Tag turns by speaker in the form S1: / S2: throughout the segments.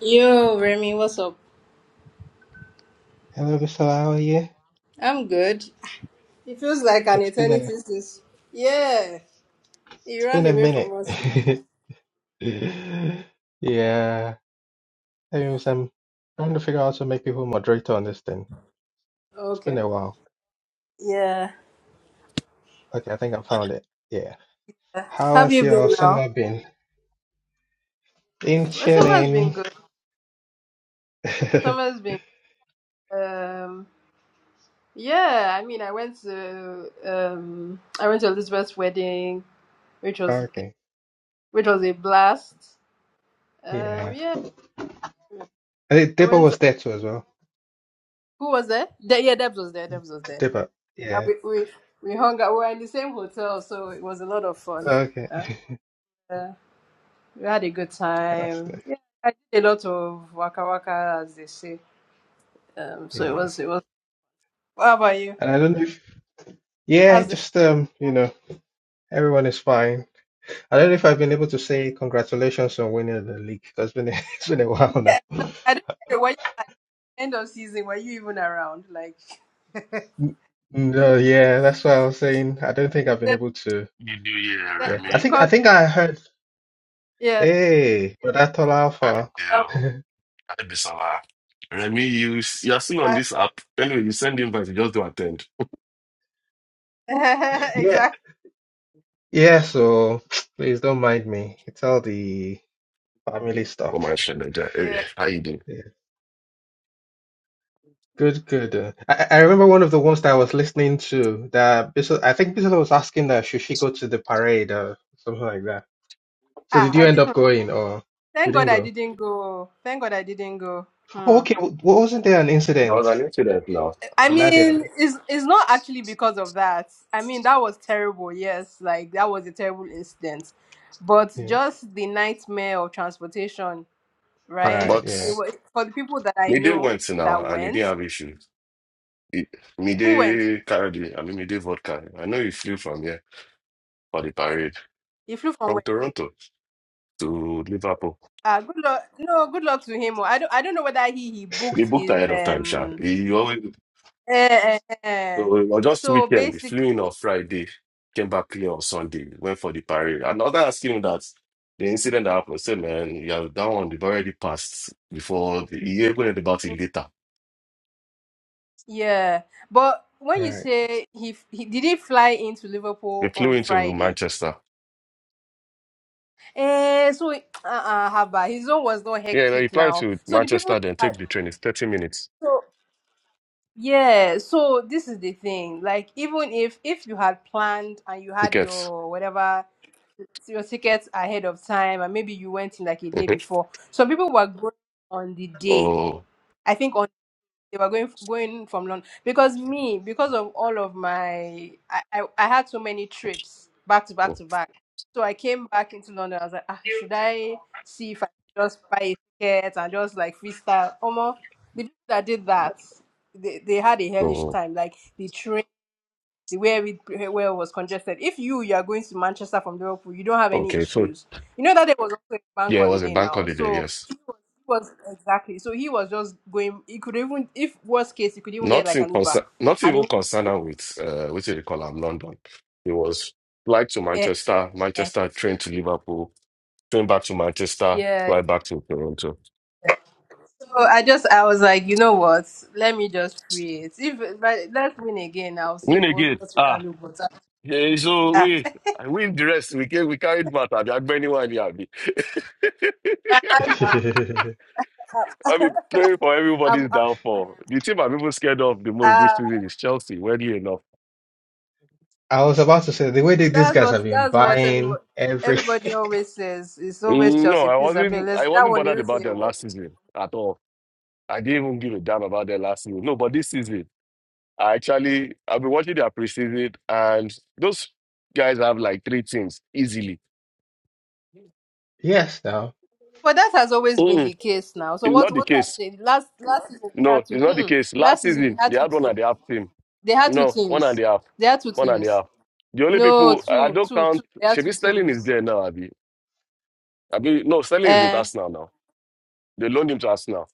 S1: Yo, Remy, what's up?
S2: Hello, Mr. Lau here.
S1: I'm good. It feels like an
S2: It's been
S1: eternity
S2: a
S1: since. Yeah, you
S2: it's been
S1: ran
S2: a
S1: away from
S2: minute.
S1: us now.
S2: Yeah, anyways, I'm trying to figure out how to make people moderator on this thing. It's been
S1: Okay.
S2: a while.
S1: Yeah.
S2: Okay, I think I found it. Yeah. How
S1: Have
S2: has
S1: you
S2: your
S1: been now?
S2: summer been? Been
S1: Well, summer's been
S2: chilling.
S1: good. Summer's been. Um. Yeah. I mean, I went to um. I went to Elizabeth's wedding, which was
S2: Okay.
S1: which was a blast. Um.
S2: Yeah.
S1: Yeah.
S2: I think
S1: I
S2: Dipper
S1: went. To,
S2: was there too as well.
S1: who was there? De- yeah, Debs was there. Debs was there.
S2: Dipper.
S1: And
S2: Yeah.
S1: we we we hung out. We were in the same hotel, so it was a lot of fun.
S2: Okay.
S1: We had a good
S2: That's
S1: time.
S2: nice.
S1: Yeah, I did a lot of waka waka, as they say. Um, so it
S2: Yeah.
S1: was it was. What about you?
S2: And I don't know if yeah,
S1: How's the?
S2: just um, you know, everyone is fine. I don't know if I've been able to say congratulations on winning the league because it's been it's been a while now.
S1: Yeah, I don't. Were you end of season? Were you even around? Like,
S2: N- No, yeah, that's what I was saying. I don't think I've been
S1: that-
S2: able to.
S3: You do, yeah,
S1: that-
S2: Yeah, I
S1: co-
S3: Remy.
S2: think I
S1: co-
S2: think I heard.
S1: yeah,
S2: Hey, Brother
S3: I
S2: Alpha.
S1: um,
S3: do. I be so laugh. Remy, you you're still on
S1: I,
S3: this app. Anyway, you send invite, you just don't attend.
S2: Yeah,
S1: exactly.
S2: yeah. So please don't mind me. It's all the family
S3: Oh my
S2: stuff.
S3: shit, like that. Hey,
S1: Yeah.
S3: how you doing?
S2: Yeah, good, good. Uh, I, I remember one of the ones that I was listening to that Bissell, I think Bissell was asking that should she go to the parade or something like that. So
S1: Ah,
S2: did you
S1: I
S2: end up
S1: didn't.
S2: going or you
S1: Thank God
S2: didn't
S1: I
S2: go?
S1: didn't go. Thank God I didn't go. Hmm.
S2: Oh, Okay, w- wasn't there an
S3: I was
S2: incident?
S3: an incident now.
S1: I
S2: Uh, Not there,
S1: mean,
S2: but-
S1: it's it's not actually because of that. I mean, that was terrible. Yes, like that was a terrible incident, but
S2: yeah.
S1: just the nightmare of transportation, right?
S2: Right,
S3: But
S1: It
S2: yeah.
S1: was, for the people that I
S3: midday
S1: know
S3: went
S1: that
S3: now and he
S1: went,
S3: didn't have issues. He,
S1: who went?
S3: midday carried it. I mean midday vodka. I know he flew from here for the parade.
S1: He flew from
S3: From
S1: where?
S3: Toronto to Liverpool.
S1: Ah, good luck. No, good luck to him. oh. I don't. I don't know whether he he
S3: He
S1: booked
S3: booked
S1: his
S3: ahead of time, Sha.
S1: um.
S3: He always
S1: eh, eh, eh. eh.
S3: So or just
S1: So
S3: weekend, we flew
S1: basically,
S3: in on Friday, came back clean on Sunday, went for the parade. And other asking him that the incident that happened, say, man, yeah, that one they've already passed before the he even going about it later.
S1: yeah. But when you
S2: Right.
S1: say he, f- he did he fly into
S3: They
S1: Liverpool
S3: flew
S1: on
S3: into
S1: Friday?
S3: Manchester.
S1: Eh, so uh-uh, Haba, his own was not
S3: Yeah, no, you
S1: hectic
S3: fly
S1: now.
S3: to
S1: So the people
S3: Manchester, then
S1: that
S3: take the train. It's 30 minutes.
S1: so yeah, so this is the thing. Like even if if you had planned and you had
S3: Tickets.
S1: your whatever your tickets ahead of time and maybe you went in like a day
S3: Mhm.
S1: before, some people were going on the day.
S3: Oh,
S1: I think on they were going going from London because me because of all of my I, I I had so many trips back to back
S3: oh,
S1: to back. So I came back into London. I was like, ah, should I see if I can just buy a ticket and just like freestyle? Almost the people that did that, they, they had a hellish
S3: oh,
S1: time. Like the train the way every where it was congested. If you you are going to Manchester from Liverpool, you don't have any
S3: okay. So,
S1: issues. You know that there was also a bank
S3: yeah, it was a
S1: holiday
S3: bank
S1: now,
S3: holiday,
S1: so
S3: yes.
S1: he was, he was exactly. So he was just going. He could even, if worst case, he could even get like
S3: Nothing
S1: an Uber,
S3: concern, not
S1: and
S3: even
S1: it.
S3: concerned her with uh, what do call him, London. He was flight to
S1: Eh,
S3: Manchester,
S1: eh,
S3: Manchester train to Liverpool, train back to Manchester,
S1: yeah.
S3: fly back to Toronto.
S1: So I just I was like, you know what? Let me just create. If but let's win again, I'll see
S3: Win
S1: if what
S3: again.
S1: what you can
S3: Ah,
S1: do. But
S3: eh, so
S1: uh,
S3: we I win the rest. We can we carried matter. I be anyone here. Abi.
S1: I'm,
S3: I mean, praying for
S1: I'm,
S3: everybody's downfall. The team I'm even scared of the most
S1: ah,
S3: this season is Chelsea. Weirdly enough,
S2: I was about to say the way that these
S1: That's
S2: guys
S1: what
S2: have been
S1: that's what everyone
S2: buying every
S1: everybody always says. It's always
S3: Mm, no,
S1: Chelsea,
S3: I
S1: please Abel.
S3: wasn't.
S1: Let's
S3: I
S1: that
S3: wasn't
S1: one
S3: bothered
S1: Let's
S3: about
S1: say a
S3: their
S1: word.
S3: last season at all I didn't even give a damn about their last season. No, but this season, I actually I've been watching their preseason, and those guys have like three teams easily.
S2: yes now.
S1: But that has always been the
S3: Mm-mm,
S1: case now. So
S3: it's
S1: what
S3: not the
S1: what has
S3: case.
S1: changed? Last last season they
S3: No,
S1: had two
S3: it's not the
S1: mm-mm.
S3: case.
S1: last
S3: Last
S1: season they
S3: season,
S1: had
S3: they
S1: two
S3: had one and a
S1: teams.
S3: half team.
S1: They had two
S3: No, one and
S1: teams.
S3: a half,
S1: They had two
S3: one and a
S1: teams.
S3: half. The only
S1: No,
S3: people I
S1: two,
S3: don't
S1: two, two.
S3: count.
S1: They had
S3: Should
S1: two
S3: Sterling is
S1: teams.
S3: there now, Abi? Abi, no, Sterling is with
S1: Uh
S3: us now. Now they loaned him to us now.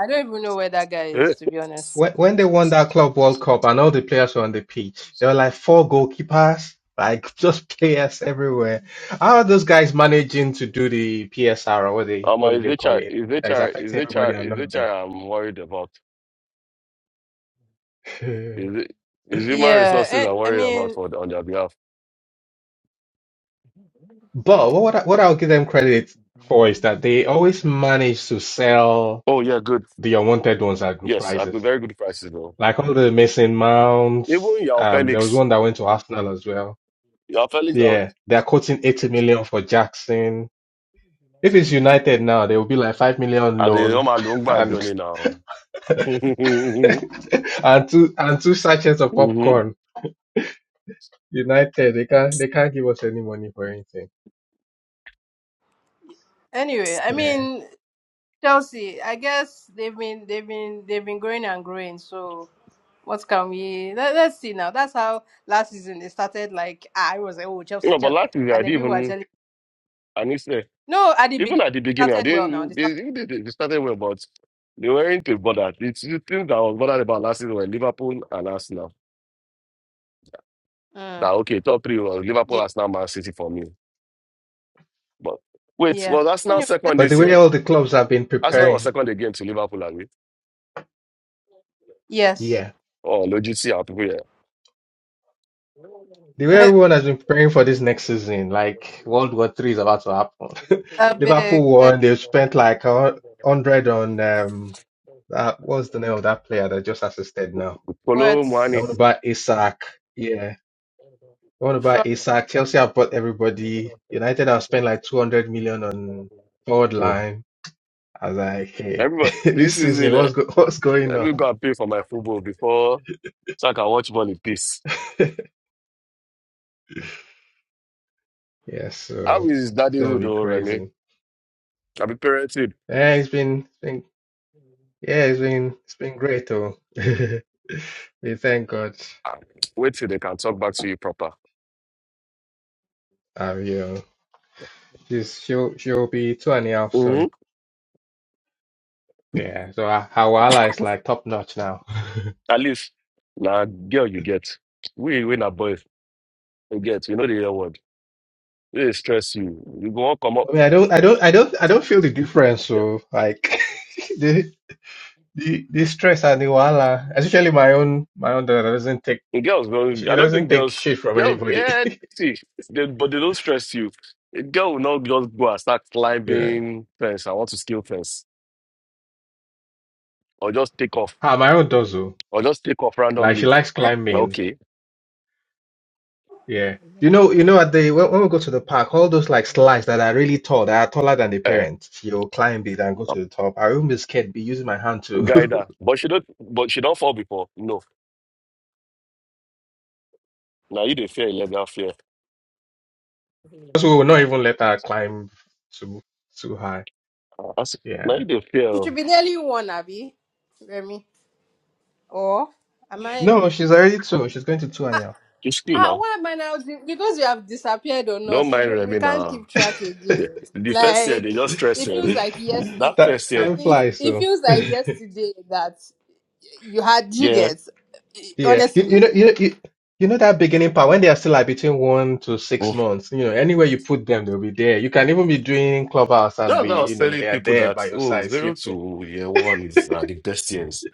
S1: I don't even know where that guy is,
S3: Eh?
S1: to be honest.
S2: When when they won that Club World Cup and all the players were on the pitch, there were like four goalkeepers, like just players everywhere. How are those guys managing to do the PSR or what they
S3: Um,
S2: what do
S3: is
S2: they
S3: it
S2: call
S3: HR?
S2: it?
S3: Is
S2: That is
S3: HR?
S2: affecting
S3: Is HR?
S2: everybody and not
S3: Is HR?
S2: them.
S3: I'm worried about. Is it? Is human
S1: Yeah,
S3: resources
S1: eh,
S3: I'm
S1: I
S3: worried about
S1: mean
S3: for on their behalf.
S2: But what I- what I'll give them credit for is that they always manage to sell
S3: Oh yeah, good.
S2: the unwanted ones at good
S3: Yes, I've been
S2: prices,
S3: very good prices though.
S2: like all the missing mounts.
S3: Even your
S2: Um, there was
S3: Felix,
S2: one that went to Arsenal as well.
S3: your Felix, are-
S2: Yeah, they're quoting 80 million for Jackson. If it's United now, they will be like 5 million
S3: and the
S2: loan
S3: normal long man
S2: and
S3: journey now. mm-hmm.
S2: and two and two sachets of
S3: No,
S2: popcorn. United, they can't they can't give us any money for anything.
S1: anyway, I
S2: Yeah.
S1: mean Chelsea, I guess they've been they've been they've been growing and growing, so What can we let, let's see now? That's how last season it started. Like I was like, oh Chelsea,
S3: but
S1: Chelsea,
S3: last year I
S1: and then
S3: didn't
S1: people were
S3: even.
S1: telling
S3: I knew.
S1: no at the beginning
S3: Even at the
S1: it
S3: beginning, I
S1: started well. Now they
S3: didn't.
S1: started,
S3: They, they, they they started well, but they weren't too bothered. It's the thing that I was bothered about last season were Liverpool and Arsenal.
S1: mm,
S3: That okay, top three was Liverpool,
S1: yeah,
S3: Arsenal, Man City for me. But wait,
S1: yeah.
S3: was Arsenal
S1: Anyway, let's-
S3: second
S2: But the
S3: this
S2: way
S3: year?
S2: all the clubs have been
S3: Arsenal was
S2: preparing.
S3: second again to Liverpool, are we?
S1: yes,
S2: yeah,
S3: Oh, Logitsi and people here.
S2: The way everyone has been preparing for this next season, like World War Three is about to happen.
S1: a big
S2: Liverpool
S1: let's
S2: won. They've spent like a hundred on um that what's the name of that player that just assisted now?
S3: Kolo
S1: what
S2: They
S3: Muani.
S2: want to buy Isak. Yeah. They want to buy
S1: Florida.
S2: Isak. Chelsea have bought everybody. United have spent like two hundred million on forward
S3: Mm.
S2: line. I was like, hey,
S3: Everybody,
S2: this
S3: this is
S2: season,
S3: it. eh?
S2: what's go- what's going
S3: Let
S2: on?
S3: me go and pay for my football before so I can watch ball in peace.
S2: Yeah,
S3: How
S2: so
S3: is
S2: it's gonna
S3: daddyhood,
S2: be
S3: oh, Remy?
S2: crazy.
S3: I be parented.
S2: Eh, it's been, it's been Yeah, it's been it's been great though. We thank God.
S3: Ah, Wait till they can talk back to you proper.
S2: Um, you know, she's she'll she'll be two and a half
S3: hmm
S2: soon. Yeah, so our, our ally is like top notch now. I
S3: At least, now girl, you get. We, we na boys, you get. You know the real word. They stress you. You go on, come up.
S2: mean, I don't I don't I don't I don't feel the difference. So like the the the stress and the wahala, especially my own my own daughter doesn't take
S3: And girls, well,
S2: she
S3: I don't
S2: doesn't
S3: think
S2: take
S3: girls,
S2: shit from
S3: girls,
S2: anybody.
S3: yeah, see, they, but they don't stress you. A girl will not just go and start
S2: Yeah,
S3: climbing fence. I want to scale fence, or just take off,
S2: ah, my own does though.
S3: or just take off
S2: Like she
S3: randomly.
S2: likes
S3: Like,
S2: climbing.
S3: Okay.
S2: Yeah. You know, you know, at the when, when we go to the park, all those like slides that are really tall, that are taller than the
S3: Eh,
S2: parents, you'll climb it and go to the top. I remember this kid be using my hand to
S3: guide
S2: because
S3: her, but she don't, but she don't fall before. No, now you dey fear illegal fear.
S2: we will not even let her climb too too high.
S3: Ah, I say, Now
S2: Yeah.
S3: you dey fear.
S1: She
S3: oh.
S1: should be nearly one, Abby, Remy, or am I?
S2: No, she's already two. She's going to two and a half.
S3: You still
S1: Ah,
S3: now.
S1: why am I now? Because we have disappeared on
S3: Don't
S1: us, you
S3: mind
S1: don't- we
S3: Remy
S1: can't
S3: now.
S1: keep track
S3: The,
S1: again.
S3: the first year,
S1: Like
S3: they just stress
S1: it
S3: you,
S1: feels
S3: Abby.
S1: like
S3: That
S1: yesterday.
S2: That
S3: first year,
S2: time
S1: It,
S2: flies,
S1: it
S2: so
S1: feels like yesterday that you had you
S3: yeah.
S1: guys
S2: yeah. You, you
S1: honestly
S2: know, you know, you, you know that beginning part when they are still like between one to six
S3: Oh,
S2: months. You know, anywhere you put them, they'll be there. You can even be doing clubhouse and
S3: that's
S2: be,
S3: why I
S2: you
S3: was
S2: know,
S3: telling
S2: they are
S3: people
S2: there
S3: that,
S2: by your
S3: oh,
S2: side
S3: zero
S2: sleeping.
S3: to year one is uh, the best years.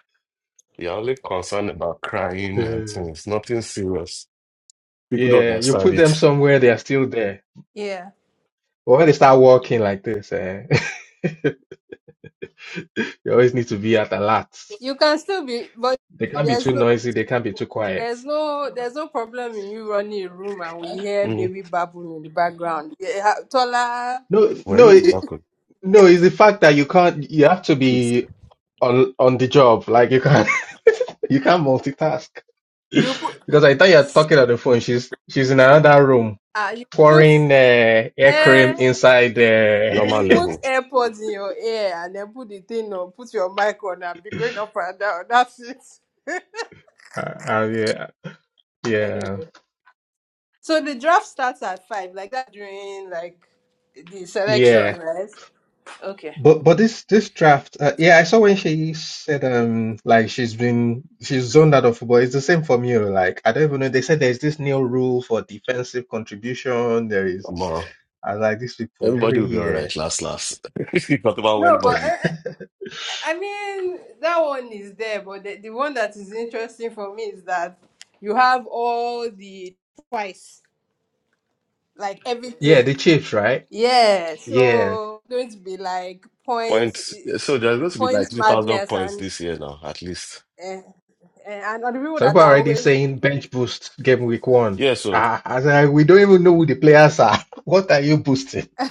S3: You're only concerned about crying
S2: Yeah,
S3: and things, nothing serious. People don't
S2: Yeah, you
S3: understand
S2: put them
S3: it.
S2: somewhere, they are still there.
S1: Yeah.
S2: But when they start walking like this, eh, you always need to be at alert.
S1: you can still be but
S2: They can't be
S1: there's
S2: too
S1: no
S2: noisy, they can't be too quiet.
S1: there's no there's no problem in you running a room and we hear
S3: Mm.
S1: baby babbling in the background yeah, tola
S2: No,
S3: Well,
S2: no,
S3: you
S2: it,
S3: back on
S2: no, it's the fact that you can't, you have to
S3: it's
S2: be on on the job. Like you can't, you can't multitask.
S1: you put
S2: Because I thought you're talking on the phone. She's she's in another room
S1: uh, you put
S2: pouring uh, air cream
S1: air,
S2: inside. Uh,
S3: normal
S1: you put
S3: level.
S1: AirPods in your ear and then put the thing on, put your mic on and be going up and down. That's it.
S2: uh, uh, yeah, yeah.
S1: Anyway. So the draft starts at five, like that during like the selection,
S2: Yeah,
S1: right? Okay.
S2: But but this this draft, uh, yeah, I saw when she said um like she's been she's zoned out of football. It's the same for me. oh, Like I don't even know. They said there's this new rule for defensive contribution. There
S3: i
S2: is. I like these people
S3: everybody
S2: every
S3: will be all right,
S2: year.
S3: last, last. if you talk about
S1: No, but
S3: anybody.
S1: eh, I mean, that one is there, but the, the one that is interesting for me is that you have all the twice, like
S2: Yeah,
S1: everything.
S2: the Chiefs, right?
S1: Yeah,
S2: Yeah.
S1: so going to be like
S3: Point.
S1: points, eh,
S3: So there's going to be like
S1: points
S3: 3,000
S1: madness,
S3: points
S1: and
S3: this year now, at least.
S1: eh, eh, and other people
S2: Some
S1: that
S2: people are
S1: are
S2: already
S1: always.
S2: saying bench boost game week one.
S3: Yeah, so
S2: Ah, I was like, we don't even know who the players are. What are you boosting?
S1: yeah,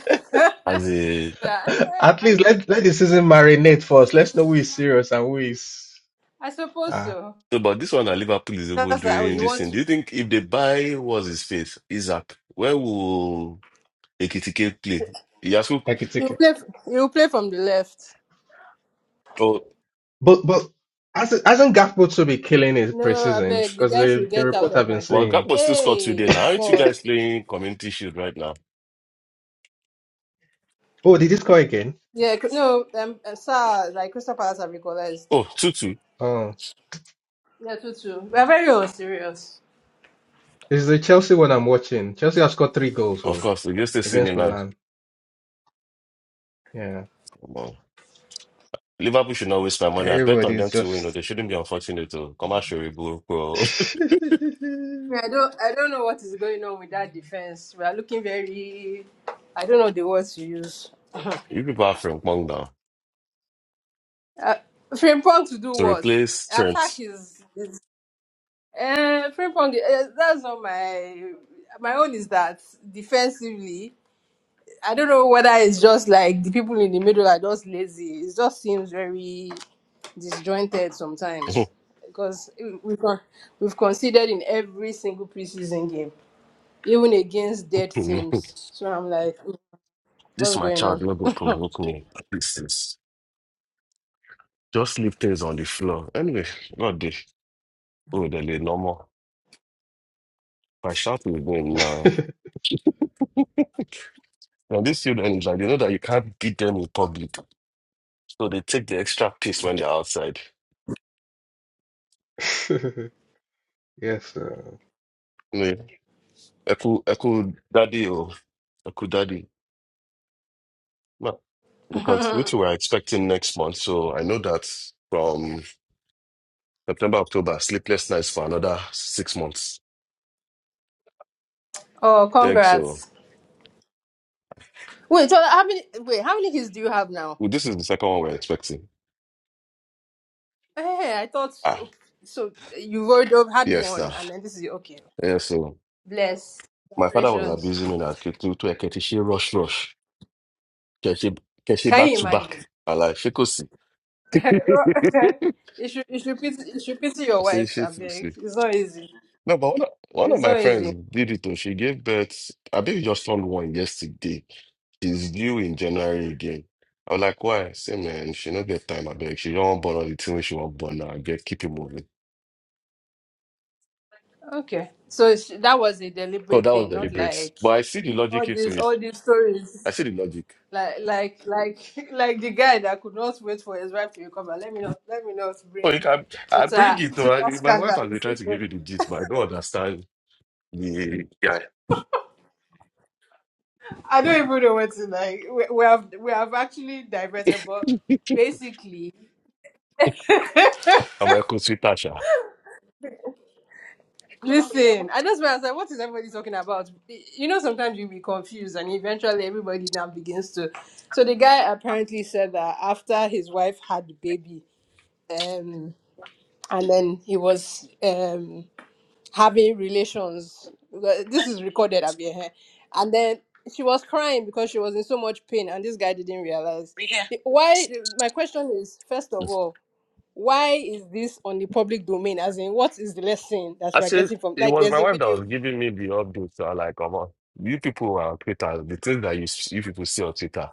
S3: as a
S1: I mean, I,
S2: At
S1: I mean,
S2: least let let the season marinate for us let Let's know who is serious and who is
S1: I suppose
S2: ah
S1: so.
S3: So, but this one at Liverpool is even
S1: That's like, oh,
S3: doing
S1: you
S3: this
S1: want
S3: thing. Do
S1: to,
S3: you think if they buy what's his face, Isaac, where will Ekitike play? Yasu,
S1: you
S2: hectic.
S1: play, f- you play from the left.
S3: oh,
S2: But but hasn't hasn't Gakpo to be killing his
S1: No, I
S2: preseason?
S1: beg the
S2: Because
S1: guy
S2: the
S1: should
S2: the
S1: get out
S2: report have
S1: of
S2: been
S1: my.
S3: well,
S2: saying,
S3: Gakpo still scored
S1: Hey,
S3: today.
S1: they've
S3: Now, aren't you
S1: scored.
S3: guys playing Community Shield right now?
S2: oh, did he score again?
S1: Yeah, cr- no, um, uh, SARS, like Crystal Palace have equalized.
S3: Oh, two-two.
S2: Oh,
S1: Yeah, two two. We are very unserious.
S2: this is the Chelsea one I'm watching. Chelsea have scored three goals
S3: Of
S2: oh,
S3: course, against the same
S2: against
S3: Milan.
S2: Milan. Yeah,
S3: Come on. Liverpool should not waste my money. I bet on them
S2: everybody's
S3: to win, or
S2: just.
S3: they shouldn't be unfortunate to come out sure bro. bro.
S1: I, I don't, I don't know what is going on with that defense. We are looking very, I don't know the words to use.
S3: You people are from Kwang now.
S1: Uh, Frimpong to do
S3: To
S1: what?
S3: replace
S1: Attack
S3: Trent.
S1: is, is uh, Frimpong. Uh, that's not my, my own is that defensively. I don't know whether it's just like the people in the middle are just lazy. It just seems very. disjointed sometimes because we've con- we've considered in every single preseason game, even against dead teams. So I'm like, "Mm,
S3: this
S1: what's
S3: my
S1: going
S3: child,
S1: on?
S3: will go provoke me. This is. Just leave things on the floor. Anyway, God day. Oh, they're like normal. If I shout with them now.
S2: yes.
S3: Now these children is like they know that you can't beat them in public. So they take the extra piece when they're outside.
S2: Sir.
S3: Anyway, Echo Echo Daddy or Echo Daddy. No, because which we're expecting next month. So I know that from September, October, sleepless nights for another six months.
S1: oh,
S3: Thanks. So
S1: congrats! Wait, so how many? Wait, how many hits do you have now?
S3: well, this is the second one we're expecting.
S1: Hey, I thought
S3: Ah,
S1: so. so You've already had
S3: yes,
S1: one,
S3: now.
S1: and then this is okay.
S3: Yeah, so
S1: Bless,
S3: my father was
S1: congratulations!
S3: abusing me that to to a rush rush. Can she can she
S1: Can
S3: back
S1: you
S3: to
S1: imagine?
S3: back? I like she could see. I
S1: you should you should pity you should pity your
S3: say
S1: wife.
S3: she
S1: I
S3: could
S1: beg.
S3: see.
S1: It's not easy.
S3: No, but one of, one of
S1: It's
S3: my
S1: not easy.
S3: friends did it though. She gave birth. I think we just turned one yesterday. She's due in January again. I was like, why? I say, man, she not get time. I beg. She don't want born on the thing when she want born now. I beg, keep it moving.
S1: Okay. So sh- that was a
S3: Oh,
S1: deliberate
S3: that was
S1: thing, not
S3: deliberate.
S1: like
S3: But I see the
S1: all
S3: logic into
S1: these
S3: it.
S1: all these
S3: I
S1: stories.
S3: see the logic.
S1: Like like like like the guy that could not wait for his wife to recover. Let me not let me not
S3: Oh, you
S1: bring
S3: can. I
S1: Twitter
S3: bring it
S1: Twitter
S3: though. I, mean, my wife
S1: scandal.
S3: has been trying to give you the gist, but I don't understand the guy.
S1: I don't even know what to like. We, we have we have actually diverted, but basically
S3: I'm a co-sweeter. Sha.
S1: Listen, I just why was like, what is everybody talking about? You know, sometimes you'll be confused, and eventually everybody now begins to. So the guy apparently said that after his wife had the baby, um, and then he was um, having relations. well, This is recorded up here. eh? And then she was crying because she was in so much pain, and this guy didn't realize.
S3: We here.
S1: The- Why? My question is first of all, why is this on the public domain? As in, what is the lesson that
S3: I
S1: we're
S3: said
S1: getting from?
S3: it
S1: Like,
S3: was
S1: there's
S3: my
S1: a
S3: wife that
S1: video.
S3: was giving me the updates. So I like, come on, you people are on Twitter. The things that you s- you people see on Twitter.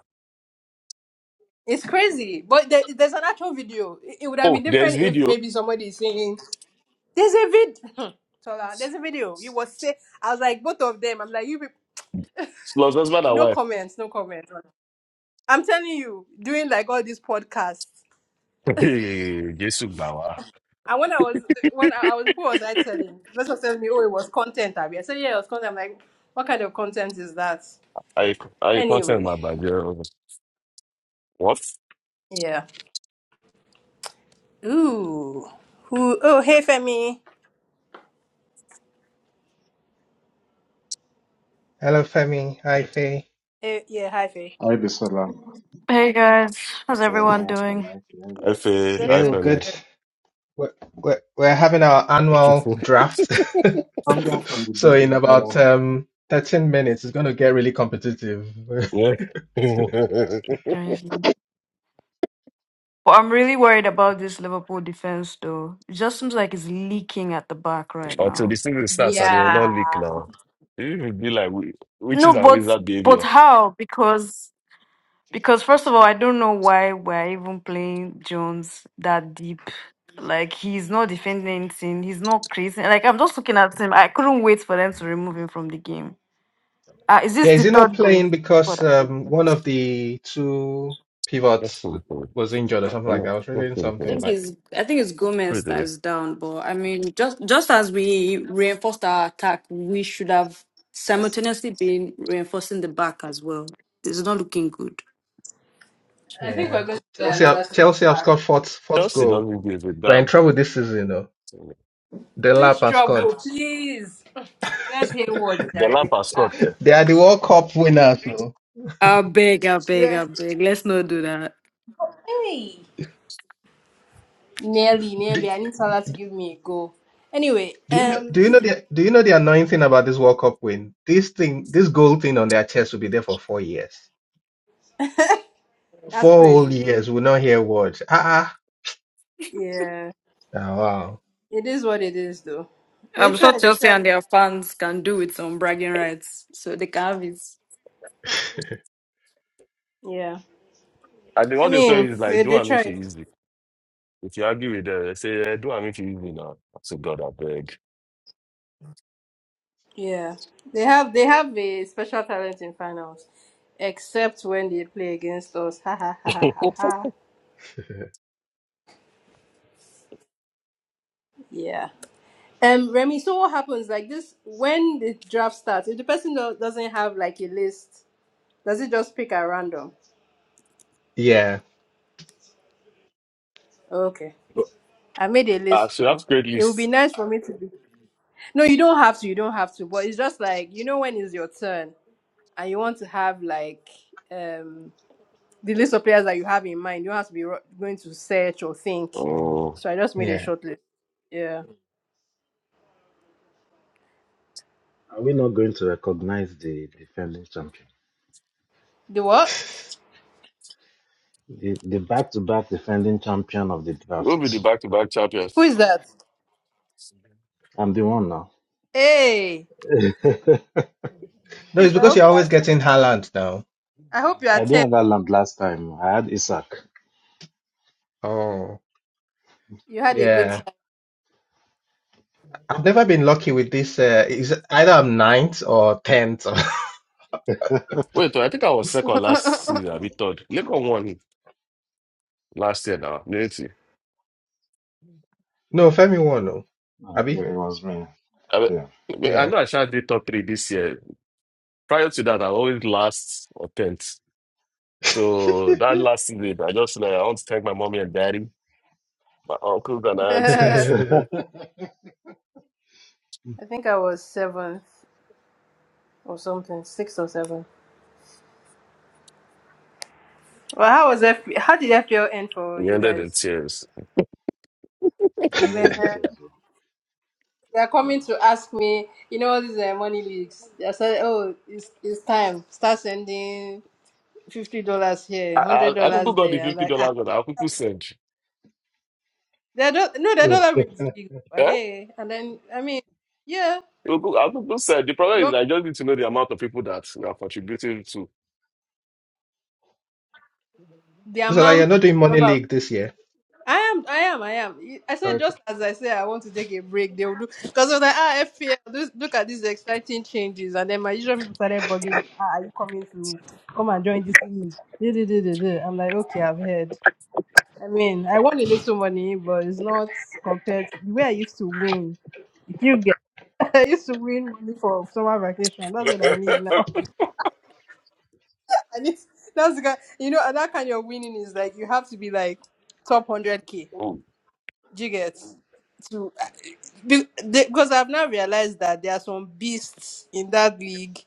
S1: It's crazy, but there, there's an actual video. It, it would have
S3: Oh,
S1: been
S3: there's
S1: different if
S3: video.
S1: maybe somebody is saying, "There's a vid." Tola, there's a video. You was say, I was like both of them. I'm like you. Be-
S3: Plus husband and
S1: no
S3: wife.
S1: comments. No comments. I'm telling you, doing like all these podcasts.
S3: Hey, Jesus, Bawa.
S1: And when I was when I, I was who was I telling? Person was telling me, "Oh, it was content." Abby. I said, "Yeah, it was content." I'm like, "What kind of content is that?"
S3: I I content
S1: Anyway,
S3: my background. What?
S1: yeah. Ooh, who? Oh, hey, Femi.
S2: Hello, Femi. Hi, Faye.
S1: Hey, yeah, hi, Fe.
S4: Alayhi salam.
S5: Hey guys, how's
S4: Come
S5: everyone
S4: down from life and
S5: doing?
S3: FA,
S1: Good,
S2: Yeah, we're
S1: good,
S2: good.
S3: FMA.
S1: good.
S2: We're, we're we're having our annual draft.
S4: the
S2: So
S4: big
S2: in about
S4: fella.
S2: um 13 minutes, it's going to get really competitive.
S3: Yeah.
S5: Crazy. But I'm really worried about this Liverpool defense though. It just seems like it's leaking at the back right
S3: Until
S5: now.
S3: this thing starts and it will not
S1: Yeah.
S3: leak now. It will be like wi-
S5: No,
S3: witches and
S5: but
S3: wizard
S5: but
S3: behavior.
S5: how? Because because first of all, I don't know why we're even playing Jones that deep. Like he's not defending anything. He's not creating. Like I'm just looking at him. I couldn't wait for them to remove him from the game. Uh, is this
S2: Yeah, is
S5: the
S2: he not
S5: third goal?
S2: playing because um, one of the two
S3: That's
S2: pivots
S3: pretty funny.
S2: was injured or something
S3: I
S2: like that? I
S3: know.
S2: was
S3: that's
S2: reading
S3: pretty
S5: I
S3: funny.
S2: something
S5: think
S2: like,
S5: it's I think it's Gomez
S3: Straight
S5: that
S3: away.
S5: is down, but I mean, just just as we reinforced our attack, we should have simultaneously been reinforcing the back as well. It's not looking good.
S1: I think we're
S2: yeah,
S1: going to get
S2: Chelsea have,
S1: another song
S2: Chelsea have
S1: back.
S2: scored fourth fourth
S3: Chelsea
S2: goal.
S3: doesn't give a
S2: We're in
S3: damn.
S2: trouble this season, though. Delap
S1: Which
S2: has scored.
S1: trouble, please. Let's hear what
S3: The
S1: Jerry.
S3: lap has
S1: Ah,
S3: scored, care.
S2: They are the World Cup winners, though.
S5: I beg, I beg, I
S1: yes.
S5: beg. Let's not do that.
S1: hey. Nearly, nearly. I need Salah to give me a go. Anyway,
S2: Do you know?
S1: um,
S2: Do you know the? Do you know the annoying thing about this World Cup win? This thing, this gold thing on their chest will be there for four years.
S1: that's
S2: Four whole
S1: crazy.
S2: years, we'll not hear words. Ah,
S1: Yeah,
S2: ah. Oh, wow.
S1: it is what it is, though. They
S5: I'm sure
S1: tried. They
S5: Chelsea and
S1: tried.
S5: their fans can do with some bragging rights, so they can have it.
S1: Yeah.
S3: And then
S1: I
S3: what they tell
S1: mean,
S3: you is
S1: they
S3: like, do
S1: they
S3: am if
S1: tried.
S3: you easy. If you argue with them, they say, eh, do am if you easy now. So God, I beg.
S1: Yeah. They have they have a special talent in finals, except when they play against us. Ha ha ha ha ha. ha. Yeah. Um, Remy, so what happens like this when the draft starts? If the person do- doesn't have like a list, does it just pick at random?
S2: Yeah,
S1: Okay, I made a
S3: Ah,
S1: list
S3: so that's
S1: too.
S3: great
S1: It would be
S3: list.
S1: nice for me to do. No, you don't have to. You don't have to. But it's just like you know when it's your turn, and you want to have like um the list of players that you have in mind. You don't have to be ro- going to search or think.
S3: Oh,
S1: So I just made a
S2: yeah.
S1: short list. Yeah.
S4: Are we not going to recognize the defending champion?
S1: The what?
S4: The the back to back defending champion of the
S3: we'll be the
S4: draft.
S3: back-to-back
S1: Who
S3: champions.
S1: is that?
S4: I'm the one now.
S1: Hey,
S2: No, it's
S1: please. I
S2: because
S1: hope
S2: you're
S1: you
S2: always
S1: are,
S2: getting Haaland now.
S1: I hope you are
S4: I didn't
S1: ten.
S4: have Aland last time. I had Isaac.
S2: Oh,
S1: You had a good
S2: Yeah, I've never been lucky with this. Uh, is either I'm ninth or tenth. Or...
S3: Wait, I think I was second
S1: time.
S3: last season. I be third. Lekon won last year now. Unity.
S2: No, Femi won. No,
S4: Uh, it,
S2: Abi.
S4: it was me.
S3: I, mean,
S4: Yeah.
S3: I mean, I
S2: Yeah.
S3: know I shall did top three this year. Prior to that, I always last or tenth. So that last season, I just like I want to thank my mommy and daddy, my uncles and
S2: so
S3: aunties.
S1: I think I was seventh or something, sixth or seventh. Well, how was F? How did FPL end for
S3: We
S1: you
S3: ended in
S1: guys?
S3: tears.
S4: And
S1: Man,
S4: then the
S1: they
S4: tears were-
S1: are
S4: yeah.
S1: coming to ask me. You know all these uh, money leaks. I said, "Oh, it's it's time. Start sending fifty dollars
S3: I,
S1: here, hundred
S3: I, I Google
S1: dollars
S3: got the
S1: there." I'm
S3: fifty
S1: like, ah,
S3: dollars that I Google send.
S1: they don't. No, they
S4: yeah.
S1: don't have leaks.
S3: Eh? I
S1: Hey, and then I mean, yeah,
S3: Google send. The
S1: you
S3: problem is
S1: want
S3: I just need to know the amount of people that we are contributing to.
S1: the
S2: like
S1: amount.
S2: you're not doing money league this year.
S1: I am, I am, I am. I said
S2: okay.
S1: just as I said, I want to take a break. They will do because I was like, ah, FPL. This, look at these exciting changes, and then my usual people started bugging me. Ah, are you coming to come and join this league? Da, da, da, da, da. I'm like, okay, I've heard. I mean, I want a little money, but it's not compared to the way I used to win. If you get, I used to win money for summer vacation. That's what I need now. I need. That's the kind, you know, and that kind of winning is like you have to be like top one hundred k
S3: Oh,
S1: Do you get to be- they- because I've now realized that there are some beasts in that league.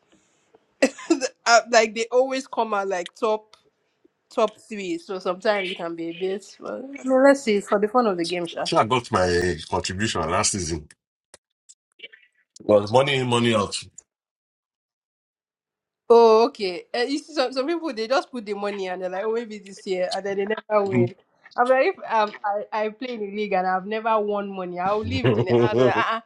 S1: Uh, like they always come out like top top three. So sometimes it can be a bit. Well, no, let's see. It's for the fun of the game,
S3: I
S1: sure.
S3: think I got my contribution last season. It was money in, money out.
S1: Oh, okay. Uh, you see, some, some people they just put the money and they're like, oh, maybe this year, and then they never win. I'm like, if um, I I play in the league and I've never won money, I'll leave the. Uh,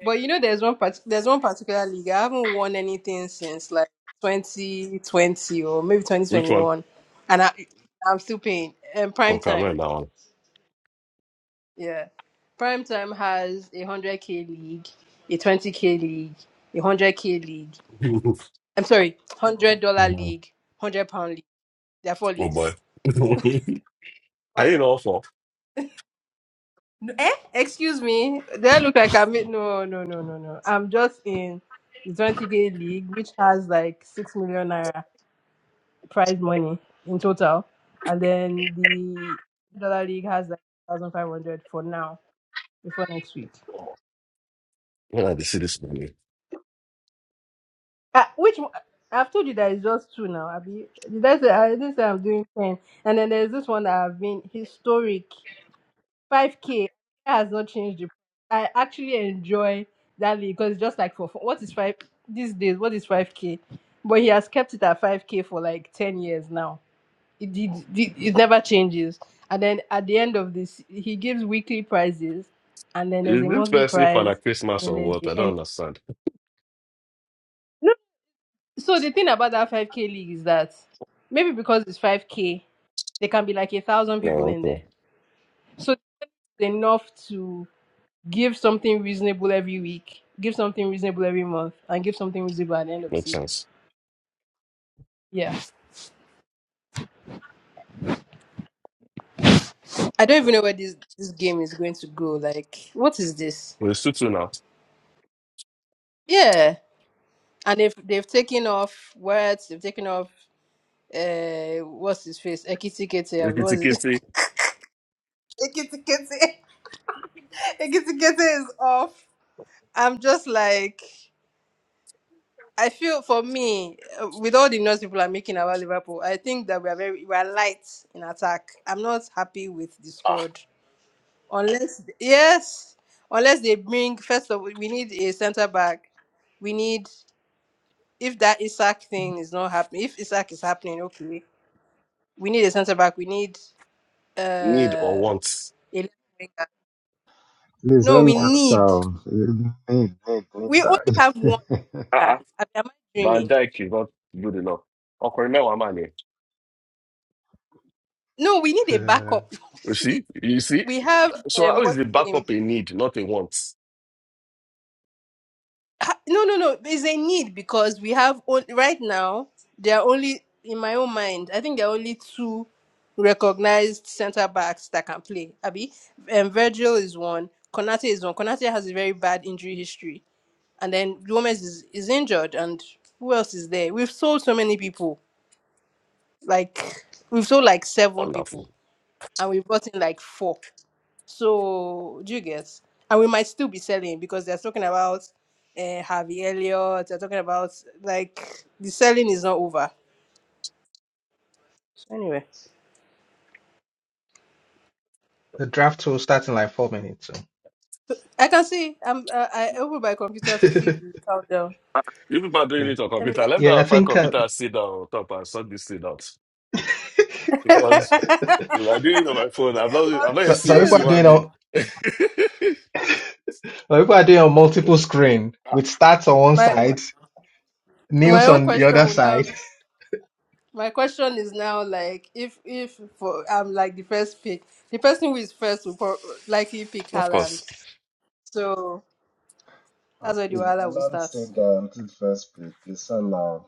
S1: But you know, there's one part- there's one particular league. I haven't won anything since like 2020 or maybe
S3: Which one?
S1: 2021, and I I'm still paying. And prime
S3: From
S1: time,
S3: Cameroon now.
S1: yeah, prime time has a hundred k league, a twenty k league, a hundred k league. I'm sorry, hundred dollar
S3: Mhm.
S1: league, hundred pound league. There are four
S3: oh
S1: leagues.
S3: boy. I ain't all for.
S1: No, Eh? Excuse me. Do I look like I'm in? No, no, no, no, no. I'm just in the 20k league, which has like six million naira. prize money in total, and then the dollar league has like thousand five hundred for now before next week.
S3: Where are see this money?
S1: Uh, which one- I've told you that it's just two now. Abi, did I say I didn't say I'm doing ten? And then there's this one that I've been historic five k has not changed. The, I actually enjoy that league because it's just like for, for what is five these days? What is five k? But he has kept it at five k for like ten years now. it, it, it, it never changes. And then at the end of this, he gives weekly prizes, and then there's
S3: Is
S1: a
S3: this
S1: monthly
S3: person for
S1: prize,
S3: like Christmas
S1: and then
S3: or
S1: there's
S3: what?
S1: the
S3: I don't
S1: end.
S3: understand.
S1: So the thing about that 5K league is that maybe because it's 5K, there can be like a thousand
S3: Yeah,
S1: people in
S3: okay.
S1: there. So it's enough to give something reasonable every week, give something reasonable every month, and give something reasonable at the end of the
S3: Makes
S1: season.
S3: sense.
S1: Yeah. I don't even know where this, this game is going to go. Like, what is this?
S3: We're two two now.
S1: Yeah. And if they've they've taken off words, they've taken off uh what's his face? Ekitikete, abi,
S3: Kitty
S1: what's it?
S3: kitty.
S1: Ekitikete. Ekitikete is off. I'm just like I feel for me, uh, with all the noise people are making about Liverpool, I think that we are very we are light in attack. I'm not happy with the squad. Unless yes, unless they bring first of all, we need a centre back. We need if that Isaac thing is not happening, if Isaac is happening, okay we need a centre back. We need
S3: need or
S1: Uh,
S3: want
S1: 11 car.
S4: Please let
S1: No,
S4: me
S1: we
S3: ọ̀nà.
S4: ask
S1: need.
S4: how. Need, need, need
S1: We only have one
S4: that.
S3: Ah,
S1: car.
S3: ah.
S1: I am I
S3: Van
S1: dreaming?
S3: Dijk is not good enough. Ọkùnrin mẹ́wàá mà ni.
S1: No, we need a backup.
S3: You
S1: See,
S3: see? You see?
S1: we have
S3: So
S1: um,
S3: how is
S1: what's
S3: the
S1: the name?
S3: backup a need, not a want?
S1: Ah, No, no, no. There's a need because we have on, right now. There are only in my own mind. I think there are only two recognized centre backs that can play. Abby, um, Virgil is one. Konate is one. Konate has a very bad injury history, and then Gomez is, is injured, and who else is there? We've sold so many people like we've sold like seven
S3: Wonderful.
S1: people and we brought in like four. So do you guess? And we might still be selling because they're talking about uh, Harvey Elliott. They're talking about like the selling is not over. So, Anyway,
S2: The draft will start in like four minutes.
S1: I can see. I'm. Uh, I opened my computer to
S2: So.
S1: see the countdown.
S3: You people are doing
S2: yeah.
S3: it on
S1: Let me.
S3: computer. Let me go
S2: Yeah, I
S3: and find
S2: think uh,
S3: computer and sit down on top and sort this thing out. Because if I do it on my phone, I'm not, I'm not a
S2: so, so.
S3: serious
S2: People are
S3: human
S2: doing
S3: being.
S2: on so people are doing on multiple screen
S3: Ah,
S2: with stats on one
S1: my
S2: side,
S1: my
S2: news
S1: own
S2: on the
S1: question
S2: other
S1: will now.
S2: side.
S1: My question is now like if if for I'm like the first pick, the person who is first will prob- likely pick
S3: of
S1: Haaland.
S3: course.
S1: So
S4: Uh,
S1: that's where the
S4: Is
S1: wahala will
S4: Alan
S1: start.
S4: still guaranteed first pick? Is allowed.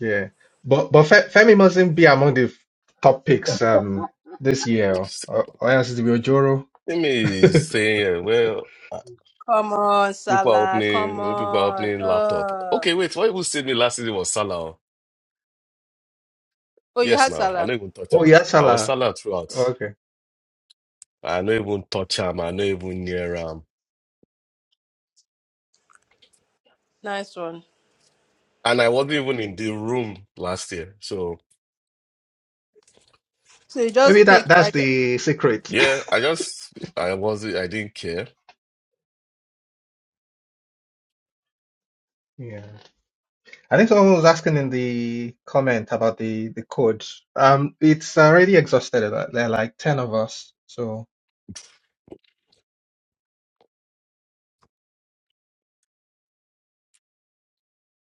S2: Yeah, but but Fe- Femi mustn't be among the top picks um this year, or, or else it will be Ojoro.
S3: Let me say, uh, well, uh,
S1: Come on,
S3: people are
S1: Salah. Come
S3: opening, people are
S1: on.
S3: opening laptop.
S1: Uh,
S3: Okay, wait, what even saved me last season was Salah.
S1: oh, you
S3: Yes,
S1: had
S3: now I
S1: Salah.
S3: no even touch
S2: Oh
S3: am.
S2: yeah,
S3: I was
S2: Salah.
S3: Salah throughout.
S2: Okay,
S3: I no even touch am. I no even near am.
S1: Nice one.
S3: And I wasn't even in the room last year. So
S1: So you
S2: maybe
S1: just
S2: that
S1: picked. I
S2: that's
S1: ju-
S2: the secret.
S3: yeah, I just I wasn't. I didn't care.
S2: Yeah, I think someone was asking in the comment about the the code. Um, it's already exhausted. uh, There are like ten of us, so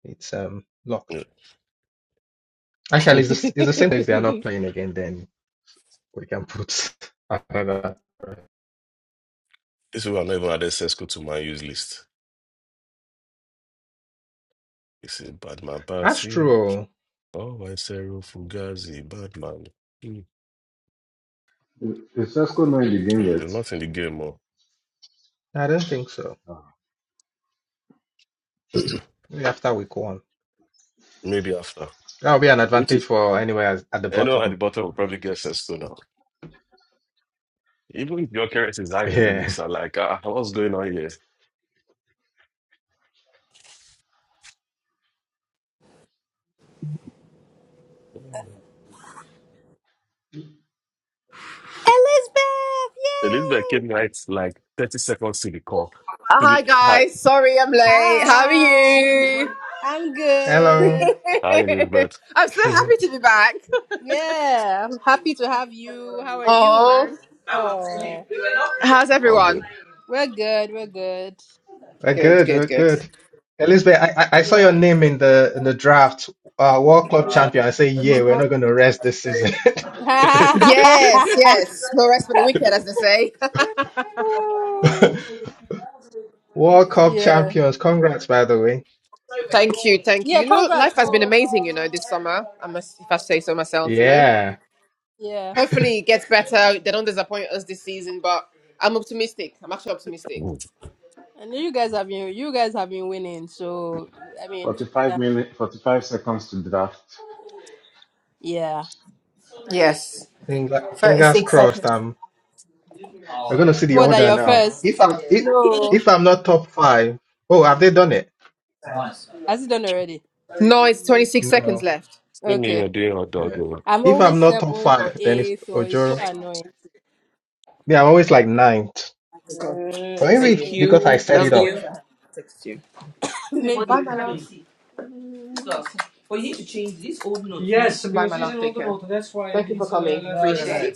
S2: It's um locked. Actually, it's the, s- it's the same place they are not playing again. Then we can put another.
S3: This people are not even added Sesko to my use list. This is bad man
S2: That's
S3: party.
S2: true.
S3: Oh, I Cero Fugazi, bad man. Hmm.
S4: Is is Cesco not in the game
S3: Ah, They're not
S4: yet?
S3: in the game more.
S2: I don't think so. Maybe after week one,
S3: Maybe after.
S2: that will be an
S3: Which
S2: advantage
S3: is
S2: for anywhere as- at the
S3: anyone at the
S2: bottom.
S3: bottom will probably get Sesko Even your character is Zion,
S2: Yeah.
S3: Elisa. Like, uh, what's going on here?
S1: Elizabeth.
S3: Elizabeth
S1: Yay!
S3: came right like 30 seconds to the call.
S6: Uh,
S3: To the
S6: Hi
S3: hi,
S6: guys, sorry I'm late. How are
S1: Hi.
S6: you?
S1: I'm
S2: Hello.
S1: good.
S3: hi, Elizabeth.
S6: I'm so
S2: we're
S6: happy to be back.
S1: Yeah, I'm happy to have you. How are you,
S6: Oh,
S1: man? Oh,
S6: how's
S3: All
S6: everyone?
S3: good.
S1: we're good. We're good.
S6: Good,
S2: good.
S6: good,
S2: We're
S6: good.
S2: good. Elizabeth, I, I I saw
S1: Yeah.
S2: your name in the in the draft. Uh, World Club champion. I say, yeah, we're not going to rest this season.
S6: Yes, yes. No rest for the wicked, as they say.
S1: yeah.
S2: World Cup champions. Congrats, by the way.
S6: thank you, thank
S1: Yeah,
S6: you. You know, life
S1: congrats.
S6: has been
S1: Bro.
S6: amazing. You know, this summer. I must, if I say so myself. You know,
S2: Yeah.
S1: Yeah.
S6: hopefully it gets better. They don't disappoint us this season, but I'm optimistic. I'm actually optimistic.
S1: I know you guys have been you guys have been winning, so I mean,
S4: 45
S1: yeah.
S4: minutes, 45 seconds to draft.
S1: Yeah.
S6: Yes,
S2: Finger, fingers
S6: 36
S2: crossed. I'm I'm gonna see the
S1: What are
S2: order
S1: your
S2: now.
S1: first?
S2: If I'm if
S1: No.
S2: if I'm not top five, oh, have they done it?
S6: seconds.
S1: Has it done already?
S6: No, it's 26 seconds
S2: No.
S6: left.
S3: Send you are
S1: Okay.
S3: doing hot dog.
S2: Yeah.
S3: over.
S1: I'm
S2: If I'm
S1: always
S2: not top
S1: seven or
S2: five, then it's
S1: eight, so it's so
S2: Ojoro.
S6: Okay.
S1: annoying.
S2: Yeah, I'm always like ninth.
S6: Uh,
S2: But
S6: see
S2: maybe it's
S6: Thank
S1: Yeah.
S6: you.
S2: because I
S6: you.
S2: set
S6: Love
S2: it
S6: me once
S2: up.
S6: you. I text you. See the Bye,
S1: Maybe.
S6: my love. money. But you need to change this old note. Bye, Bye, my love. it's Take care. Thank you for coming.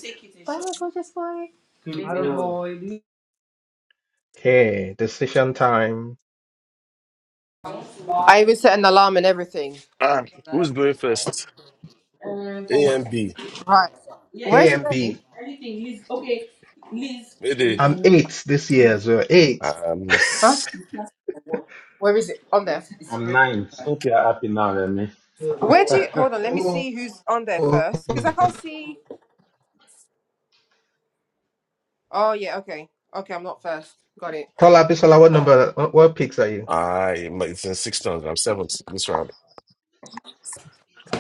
S6: right. Bye, shop. my gorgeous boy.
S2: Okay, decision time.
S6: I even set an alarm and everything.
S3: Ah, who's going first?
S6: Uh, For
S3: A
S6: what?
S3: and B.
S6: Right. Yeah, yeah, Where's
S2: A
S6: yeah.
S2: and
S6: your name?
S2: B.
S6: Anything, Liz. Okay, Liz.
S3: Mayday.
S2: I'm
S6: Um,
S2: eight this year as well. Eight.
S3: Um,
S6: Huh?
S3: s-
S6: what? Where is it? On there. It's
S4: I'm
S6: spread.
S4: ninth. Hope you're happy now, Remy.
S6: Where do you hold on? Let me
S2: Oh,
S6: see who's on there
S2: oh.
S6: first, because I
S4: Mm.
S6: can't see. Oh yeah, okay. Okay, I'm not first. Got it.
S2: Tola Bisola, what number? What, what picks are you?
S3: I. my- It's in six rounds. I'm seventh this round.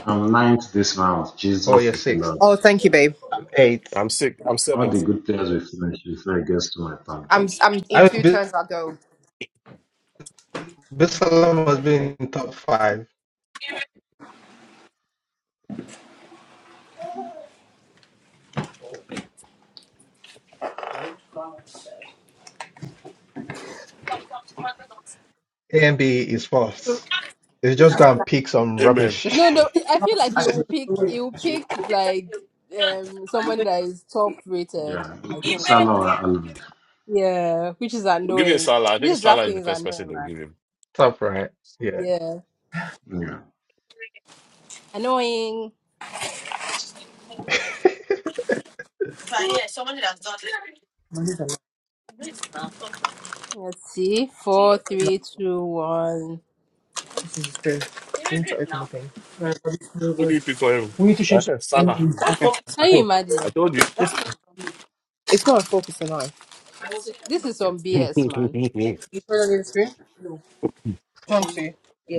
S4: I'm ninth this round.
S2: Oh,
S4: Jesus
S2: you're
S4: is
S2: sixth.
S4: Lord.
S6: Oh, thank you, babe.
S2: I'm eight.
S3: I'm sick. I'm
S4: All the
S3: seventh.
S4: good players will finish before it gets to my turn.
S6: I'm I'm in
S2: I
S6: two
S2: was
S6: turns. I'll go.
S2: Bisola must be
S6: Babe,
S2: in top five. A and B is
S1: So-
S2: fourth. They just go and pick some
S3: Amen.
S2: rubbish.
S1: No, no,
S3: We'll
S1: I feel like you'll pick you'll pick like um someone that is top rated,
S4: Yeah, we
S1: I
S4: pick
S1: think.
S4: Salah or Aland.
S1: Yeah, which is
S3: give you
S1: annoying.
S3: Salah. I think
S1: This
S3: Salah is
S1: drafting
S3: the
S1: is
S3: first person
S1: annoying,
S3: they'll
S1: man.
S3: give him.
S2: Top right. Yeah.
S1: Yeah,
S4: Yeah,
S1: annoying. Let's see. Four,
S6: no,
S1: three, two, one.
S6: this is true. You need to open the thing.
S3: Who do you pick for him? Uh, Salah.
S1: Can you
S3: I
S1: imagine?
S3: told you.
S6: It's not a focus on eye.
S1: This is some BS, man.
S6: You put it on the screen. No. Want to? Yeah.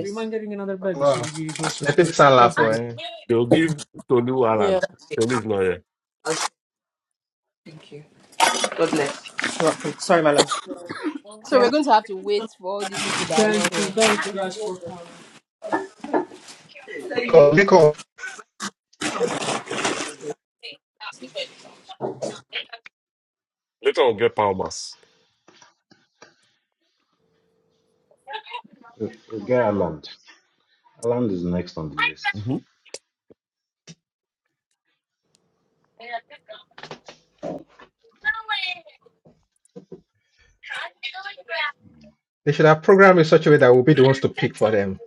S2: Wow. They pick Salah
S6: Yes,
S2: for
S6: baby.
S2: him.
S3: They'll give Tolu Alan.
S1: Yeah.
S3: Tolu is not here.
S6: You're up, babe. Sorry, my love.
S1: So we're going to have to wait for all these people that are not here.
S2: Go, pick up.
S3: Later we'll get Palmas.
S4: we we get Aland. Aland is next on the list.
S3: Mm-hmm.
S2: They should have programmed in such a way that we'll be the ones to pick for them.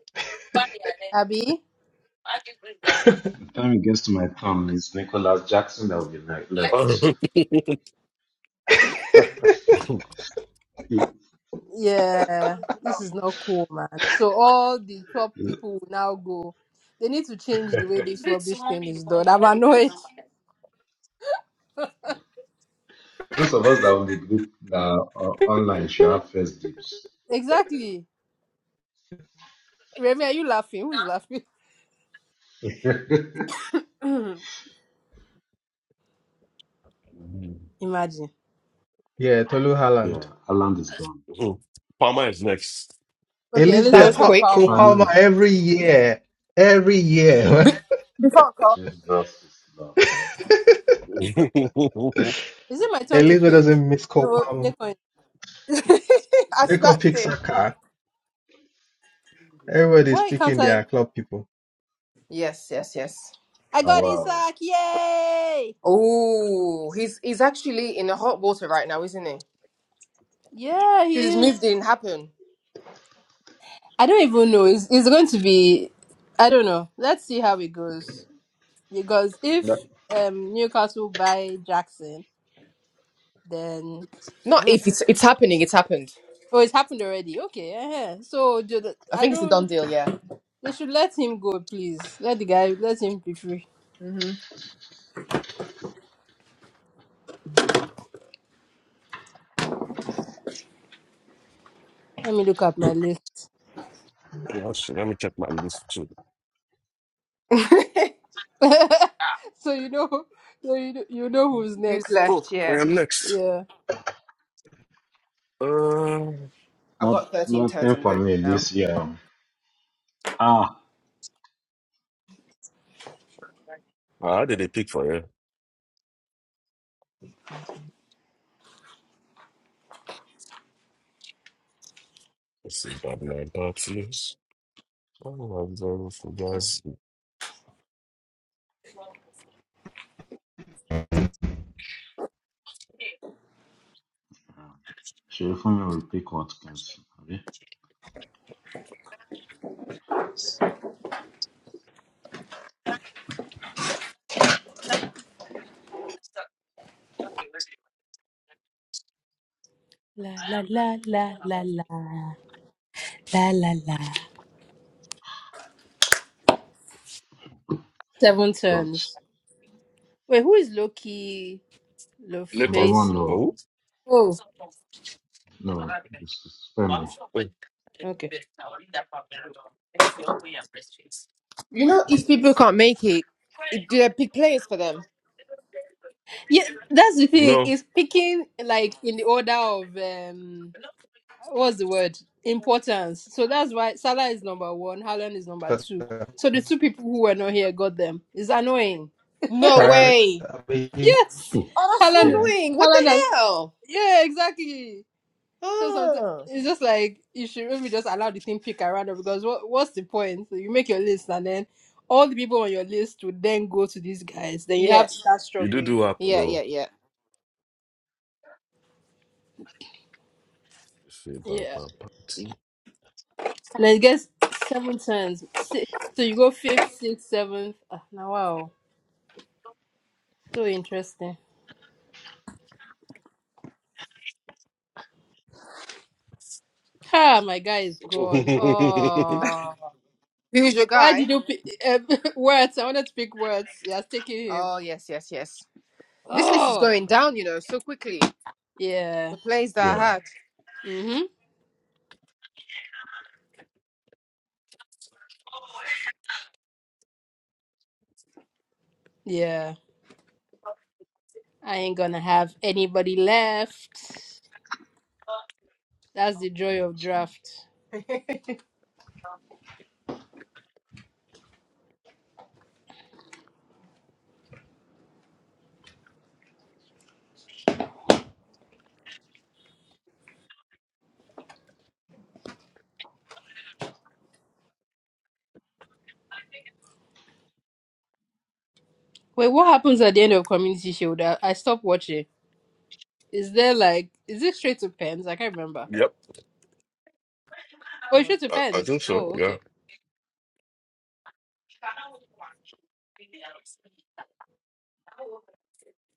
S1: Abby?
S4: By the time it gets to my turn, it's Nicholas Jackson that will be ne- left. Mm.
S1: Yeah, this is not cool, man. So all the top people will now go. They need to change the way this rubbish thing is done. I'm annoyed.
S4: Those of us that are on the group that are online should have first dibs.
S1: Exactly. Remy, are you laughing? Who is laughing? imagine.
S2: Yeah, Tolu
S4: Yeah,
S2: Haaland.
S4: Aland is gone.
S3: Palmer is next.
S1: Okay,
S6: That
S2: Elizabeth
S1: Elizabeth
S6: was
S1: Pick
S2: pa-
S6: quick.
S2: Cole
S1: Palmer.
S4: Palmer
S2: Palmer
S4: is
S2: every year. Every year.
S6: Be- before I call,
S4: Jesus is Lord.
S3: Let
S1: Is it my turn to
S2: Elizabeth
S1: pick?
S2: doesn't miss Cole
S1: No, they
S2: Palmer.
S1: can
S6: I
S2: They could
S6: snatched
S2: pick
S6: him.
S2: Saka. Everybody's
S1: Why can't
S2: picking
S1: I?
S2: their club people.
S6: Yes, yes, yes.
S1: I
S4: Oh,
S1: got
S4: wow.
S1: Isaac! Yay!
S6: Oh, he's he's actually in the hot water right now, isn't he?
S1: Yeah,
S6: Because
S1: he
S6: his move
S1: is.
S6: didn't happen.
S1: I don't even know. It's, it's going to be. I don't know. Let's see how it goes. Because if
S4: That,
S1: um, Newcastle buy Jackson, then
S6: Not
S1: Hmm.
S6: if it's it's happening. It's happened.
S1: oh, it's happened already. Okay, uh so do the,
S6: I
S1: I
S6: think it's a done
S1: don't.
S6: deal. Yeah.
S1: They should let him go, please. Let the guy. Let him be free. Let me look at my list.
S3: me check my list too.
S1: so you know, so you know, you know who's
S6: Who's
S1: next.
S3: Oh,
S6: left?
S3: I
S6: Yeah,
S3: am next.
S1: Yeah.
S3: Uh,
S6: I have
S4: Not
S6: got 13 turns.
S4: nothing
S6: I'm
S4: for
S6: good
S4: me
S6: now.
S4: this year. Ah,
S3: how did they pick for you? Let's see, Babylon Baptist. Oh, I'm sorry for guys.
S4: Sherifumi will pick what cancel. Okay?
S1: La la la la la la la la la. Seven
S4: God.
S1: turns. Wait, who is Loki?
S4: I'm
S3: Later.
S4: the one
S1: face.
S4: though.
S3: Oh,
S1: Oh,
S4: No, this is Femi.
S3: wait.
S1: okay.
S6: You know, if people can't make it, it do they pick players for them?
S1: Yeah, that's the thing.
S3: No,
S1: It's picking like in the order of um, what's the word? Importance. So that's why Salah is number one. Haaland is number
S2: But
S1: two.
S2: uh,
S1: So the two people who were not here got them. It's annoying.
S6: No
S2: prior,
S6: way.
S2: uh, we-
S1: Yes,
S6: Oh, that's so
S2: yeah,
S1: Haaland.
S6: annoying. What the
S1: Haaland. has-
S6: hell?
S1: Yeah, exactly. So sometimes
S6: Oh.
S1: it's just like you should maybe just allow the thing pick around it, because what what's the point? So you make your list and then all the people on your list would then go to these guys. Then you have
S6: Yeah,
S1: to start
S3: you do
S1: struggling.
S3: do
S6: yeah,
S3: happen.
S6: yeah, yeah.
S3: Say about
S1: Yeah,
S3: my party.
S1: and I guess seven turns. Six. So you go fifth, sixth, seventh. Ah, now wow, so interesting. Ah, my guy is gone. Oh,
S6: Who's your
S1: why did
S6: guy?
S1: you pick uh, words? I wanted to pick words. Yeah, taking him.
S6: Oh, yes, yes, yes. This list is
S1: Oh,
S6: going down, you know, so quickly.
S1: yeah.
S6: The plays that I
S4: yeah.
S6: had.
S1: Mhm. Yeah. I ain't gonna have anybody left. That's the joy of draft. Wait, what happens at the end of Community Shield? I, I stopped watching. Is there like, is it straight to pens? I can't remember.
S3: yep,
S1: Oh, it's straight to
S3: I, I
S1: pens.
S3: think so.
S1: Oh,
S3: Yeah.
S1: okay.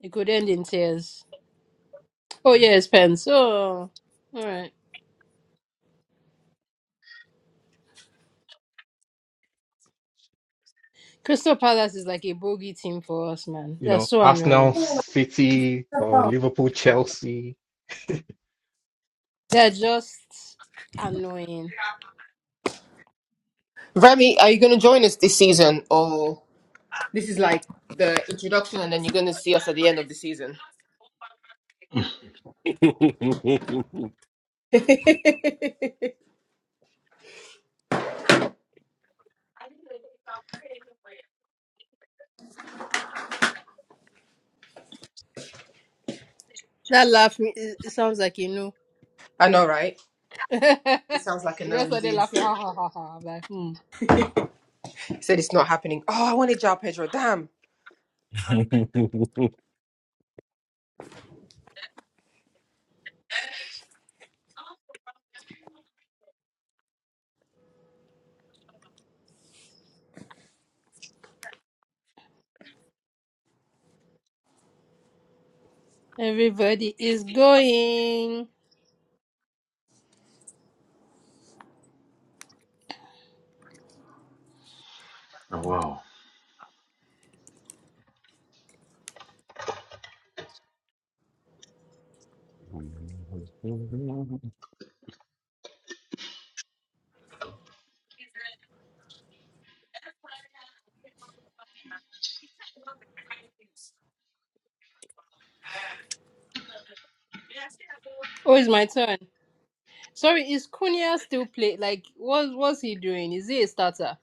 S1: It could end in tears. Oh, yeah, it's pens. Oh, all right. Crystal Palace is like a bogey team for us, man.
S2: you
S1: They're
S2: know,
S1: so
S2: Arsenal,
S1: annoying.
S2: City, or Liverpool, Chelsea.
S1: They're just annoying.
S6: Remy, are you going to join us this season? Or this is like the introduction and then you're going to see us at the end of the season?
S3: Wait,
S1: That laugh it it sounds like you know.
S6: I know, right? It sounds like a
S1: you
S6: no
S1: just started
S6: indeed.
S1: laughing. Ha ha ha ha. I'm like, hmm.
S6: He said it's not happening. Oh, I wanted Jao Pedro. Damn.
S1: Everybody is going.
S4: Oh, wow.
S1: Oh, it's my turn. Sorry, is Cunha still play? Like, what what's he doing? Is he a starter?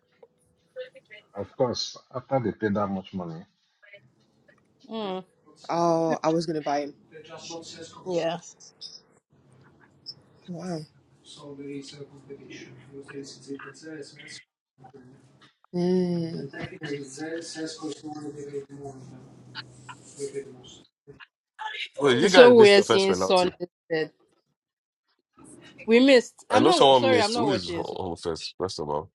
S4: Of course, after they pay that much money,
S1: Mm.
S6: Oh, I was gonna buy him.
S1: Yeah.
S6: Wow. Mm.
S3: you
S1: It's so
S3: guys missed
S1: weird
S3: your first
S1: seeing Son
S3: penalty.
S1: instead. We missed.
S3: I
S1: I'm
S3: know
S1: not
S3: someone
S1: sorry. I'm
S3: missed.
S1: not
S3: Who is
S1: watching.
S3: ho-
S1: So
S3: home first? First of all,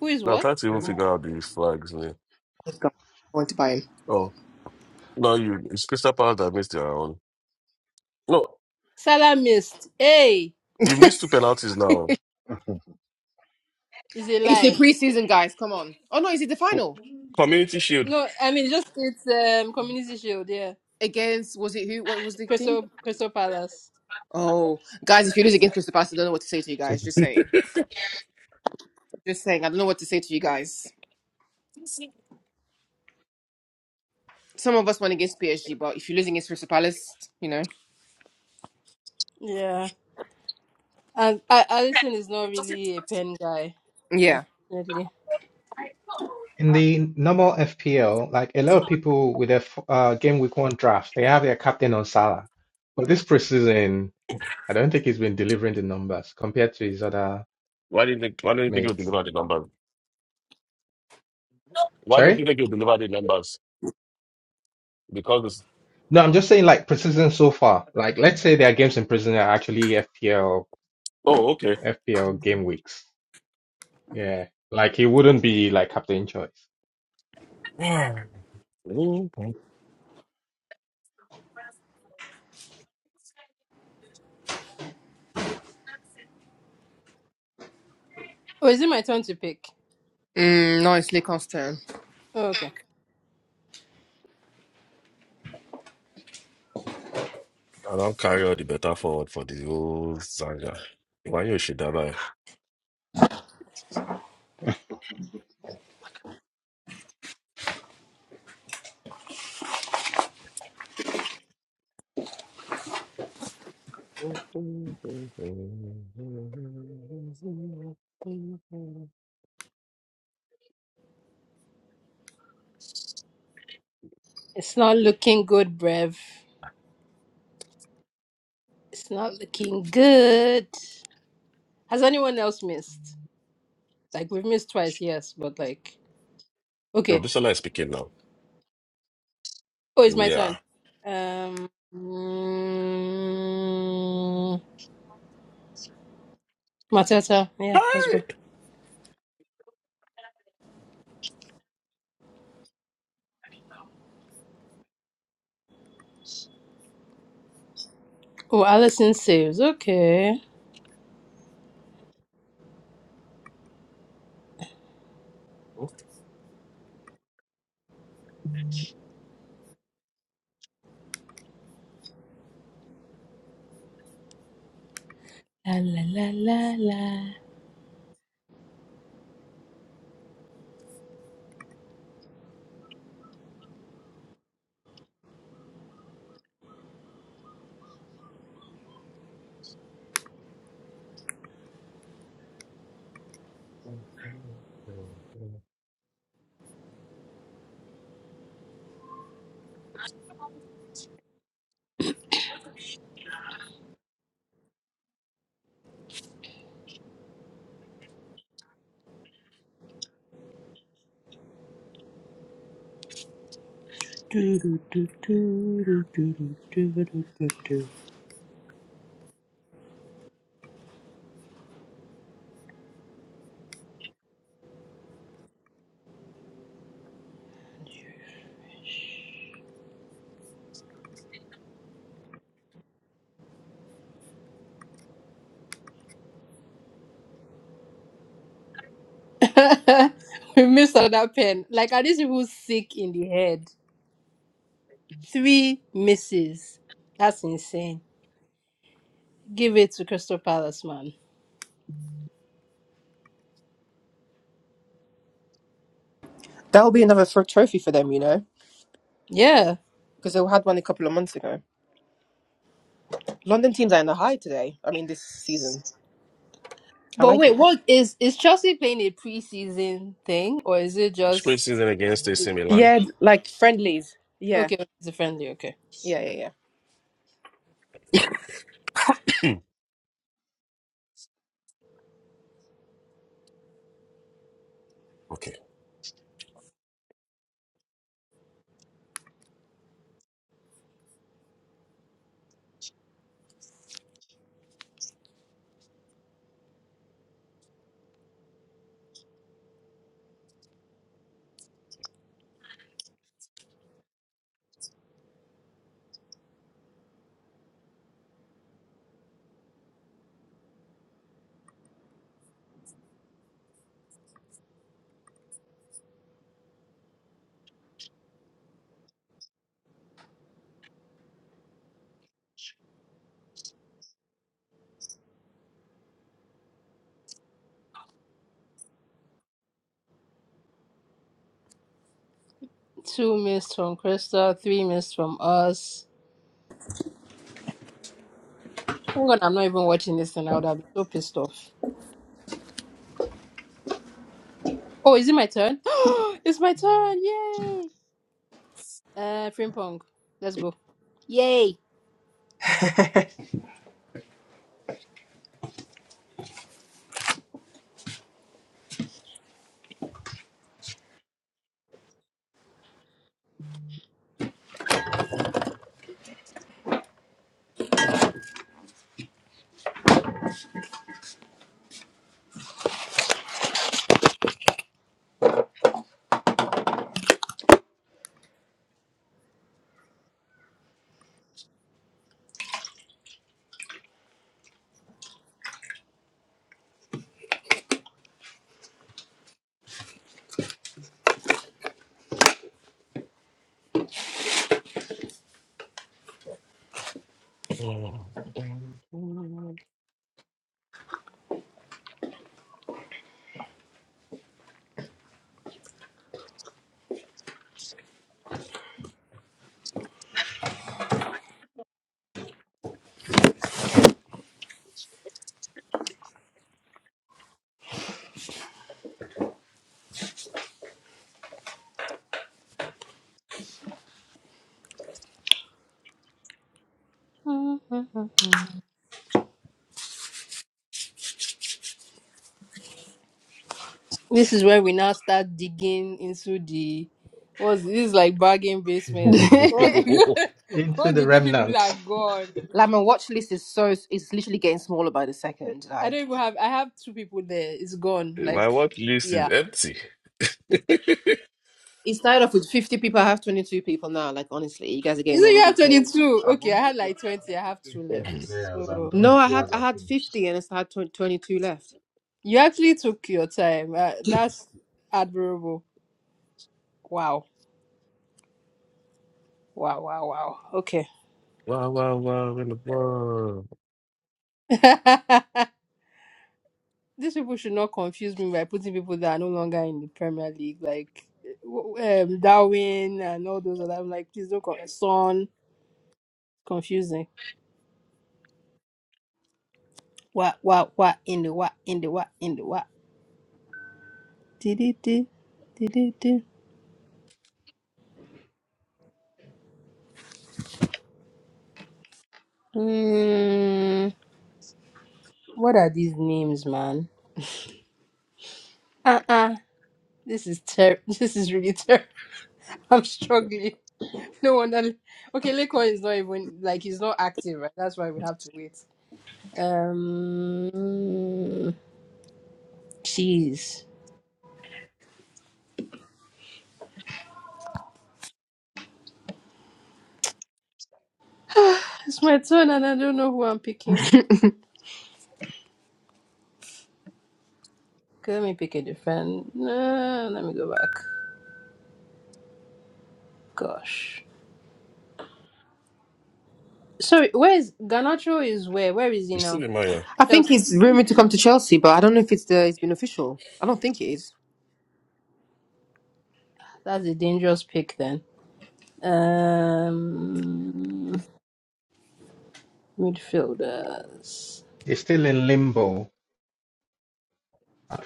S1: who is
S3: now I'm
S1: what?
S3: trying to even figure out the flags name.
S6: Let's go. I want to buy him.
S3: Oh, no, you it's Crystal Palace that missed their own. No,
S1: Salah missed. Hey,
S3: you missed two penalties now.
S1: is a
S6: It's the
S1: lie.
S6: preseason, guys. Come on. Oh no, is it the
S3: Oh,
S6: final
S3: Community Shield.
S1: No, I mean just it's um Community Shield. Yeah,
S6: against? Was it who? What was the team?
S1: Crystal Crystal Palace.
S6: Oh, guys, if you lose against Crystal Palace, I don't know what to say to you guys. Just saying. Just saying. I don't know what to say to you guys. Some of us won against PSG, but if you're losing against Crystal Palace, you know.
S1: Yeah, and I, Allison is not really a pen guy,
S6: Yeah.
S1: unfortunately.
S2: In the normal FPL, like a lot of people with their f- uh, game week one draft, they have their captain on Salah. But this preseason, I don't think he's been delivering the numbers compared to his other
S3: Why didn't they, Why didn't you think you
S2: mates.
S3: deliver the numbers? Why don't you
S2: Sorry?
S3: think you deliver the numbers? Because it's,
S2: No, I'm just saying like preseason so far. Like let's say their games in preseason are actually FPL
S3: oh, okay.
S2: FPL game weeks. Yeah, like he wouldn't be like Captain Choice.
S1: Oh, is it my turn to pick?
S6: Mm, no, it's Lacon's turn.
S1: Oh, okay.
S3: I don't carry all the better forward for the whole zanga. Why you should have I?
S1: It's not looking good, Brev. It's not looking good. Has anyone else missed? Like we've missed twice, yes, but like okay.
S3: Obisola is speaking now.
S1: Oh, it's my
S3: Yeah.
S1: turn. Um, mm, Matata. Yeah, let's
S3: Hi.
S1: go. Oh, Allison saves. Okay. La la la la la. Do, do, do, do, do, do, do, do, do, do, do. we missed another pen. Like, are these people sick in the head? Three misses. That's insane. Give it to Crystal Palace, man.
S6: That'll be another fr- trophy for them, you know.
S1: Yeah.
S6: because they had one a couple of months ago. London teams are in the high today. I mean, this season. I
S1: But
S6: like
S1: wait,
S6: it.
S1: what is is Chelsea playing a preseason thing or is it
S3: Spring
S1: just
S3: season against AC Milan.
S6: Yeah, like friendlies. Yeah.
S1: okay? It's a friendly. Okay,
S6: Yeah, yeah,
S3: okay.
S1: two missed from Crystal, three missed from us. Thank God I'm not even watching this, and I would have been so pissed off. Oh, is it my turn? it's my turn! Yay! Uh, Frimpong, let's go. Yay!
S3: Oh.
S1: This is where we now start digging into the what's this is like bargain basements. All
S6: yeah.
S1: the good,
S2: Into
S1: all
S2: the
S1: the good people
S2: remnant.
S1: are gone.
S6: like my watch list is so it's literally getting smaller by the second.
S1: I don't
S6: Like
S1: even have I have two people there. It's gone.
S3: My
S1: Like
S3: watch list is
S1: yeah.
S3: empty.
S6: it started off with fifty people. I have twenty two people now. Like honestly, you guys are
S1: You
S6: getting
S1: say
S6: all
S1: you
S6: over
S1: have
S6: the
S1: twenty
S6: place.
S1: two.
S4: I've
S1: Okay, I
S4: only
S1: had
S4: picked
S1: like
S4: I've
S1: twenty, I
S4: only
S1: have two
S4: picked three
S1: left.
S4: players and
S1: So
S4: all the
S6: No, I had
S4: players
S6: I
S4: are
S6: had
S4: finished.
S6: fifty and I still had twenty two left.
S1: you actually took your time. Uh, that's admirable. Wow. Wow, wow, wow. Okay.
S3: wow, wow, wow, in the world.
S1: these people should not confuse me by putting people that are no longer in the Premier League, like w- um, Darwin and all those other. I'm like, please don't con- Son. Confusing. What? What? What? In the what? In the what? In the what? Did it? Did it? Hmm. what are these names, man? Uh uh This is ter. This is really terrible. I'm struggling. No wonder. Okay, Lekon is not even like he's not active, right? That's why we have to wait. Um, jeez. It's my turn and I don't know who I'm picking. Okay, let me pick a different. No, let me go back. Gosh. Sorry, where is Ganacho is where? Where is he
S3: You see
S1: now?
S3: the Maya?
S6: I think
S1: Chelsea.
S6: he's rumored to come to Chelsea, but I don't know if it's the it's been official. I don't think it is.
S1: That's a dangerous pick then. Um midfielders.
S2: He's still in limbo.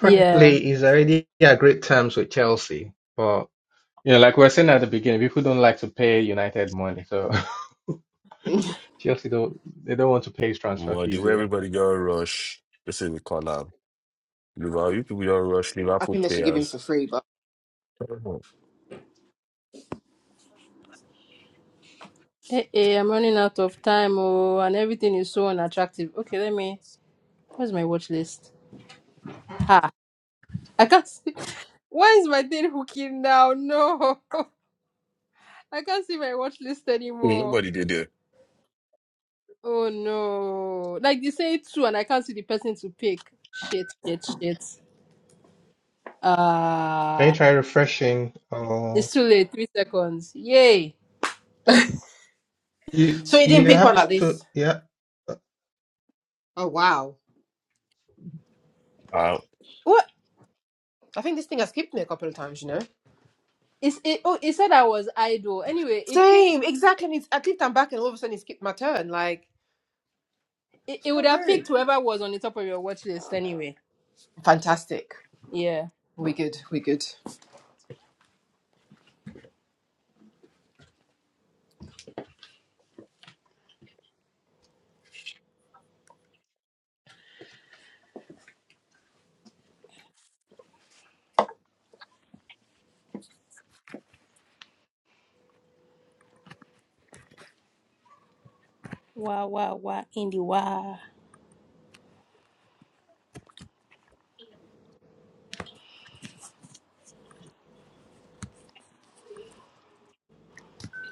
S1: Yeah.
S2: he's already at great terms with Chelsea, but you know, like we were saying at the beginning, people don't like to pay United money, so Chelsea don't they don't want to pay his transfer
S3: Well, the
S2: fees
S3: way
S2: yet.
S3: everybody got rush. This is the call Duval, you people don't rush
S6: I
S3: Liverpool
S6: think they should give him for
S3: players.
S6: free. But
S3: Mhm.
S1: Hey, hey, I'm running out of time oh and everything is so unattractive. Okay, let me where's my watch list? Ha. I can't see why is my thing hooking now? No. I can't see my watch list anymore.
S3: Nobody did it.
S1: Oh no. Like they say two and I can't see the person to pick. Shit, shit, shit.
S2: Can you
S1: Ah,
S2: try refreshing? Oh,
S1: it's too late. Three seconds. Yay.
S2: you
S6: so you
S2: you
S6: didn't pick
S2: have
S6: one like this.
S2: to yeah.
S6: Oh wow.
S3: Uh,
S1: What
S6: I think this thing has skipped me a couple of times, you know.
S1: is it? Oh, it said I was idle. Anyway, it picked.
S6: Same, exactly. And it's, at least I'm back, and all of a sudden it skipped my turn. Like,
S1: It, it would
S6: so
S1: have
S6: rude.
S1: picked whoever was on the top of your watch list. Anyway.
S6: Fantastic.
S1: Yeah.
S6: We good. We good.
S1: Wow, wow, wow. Indy, wow.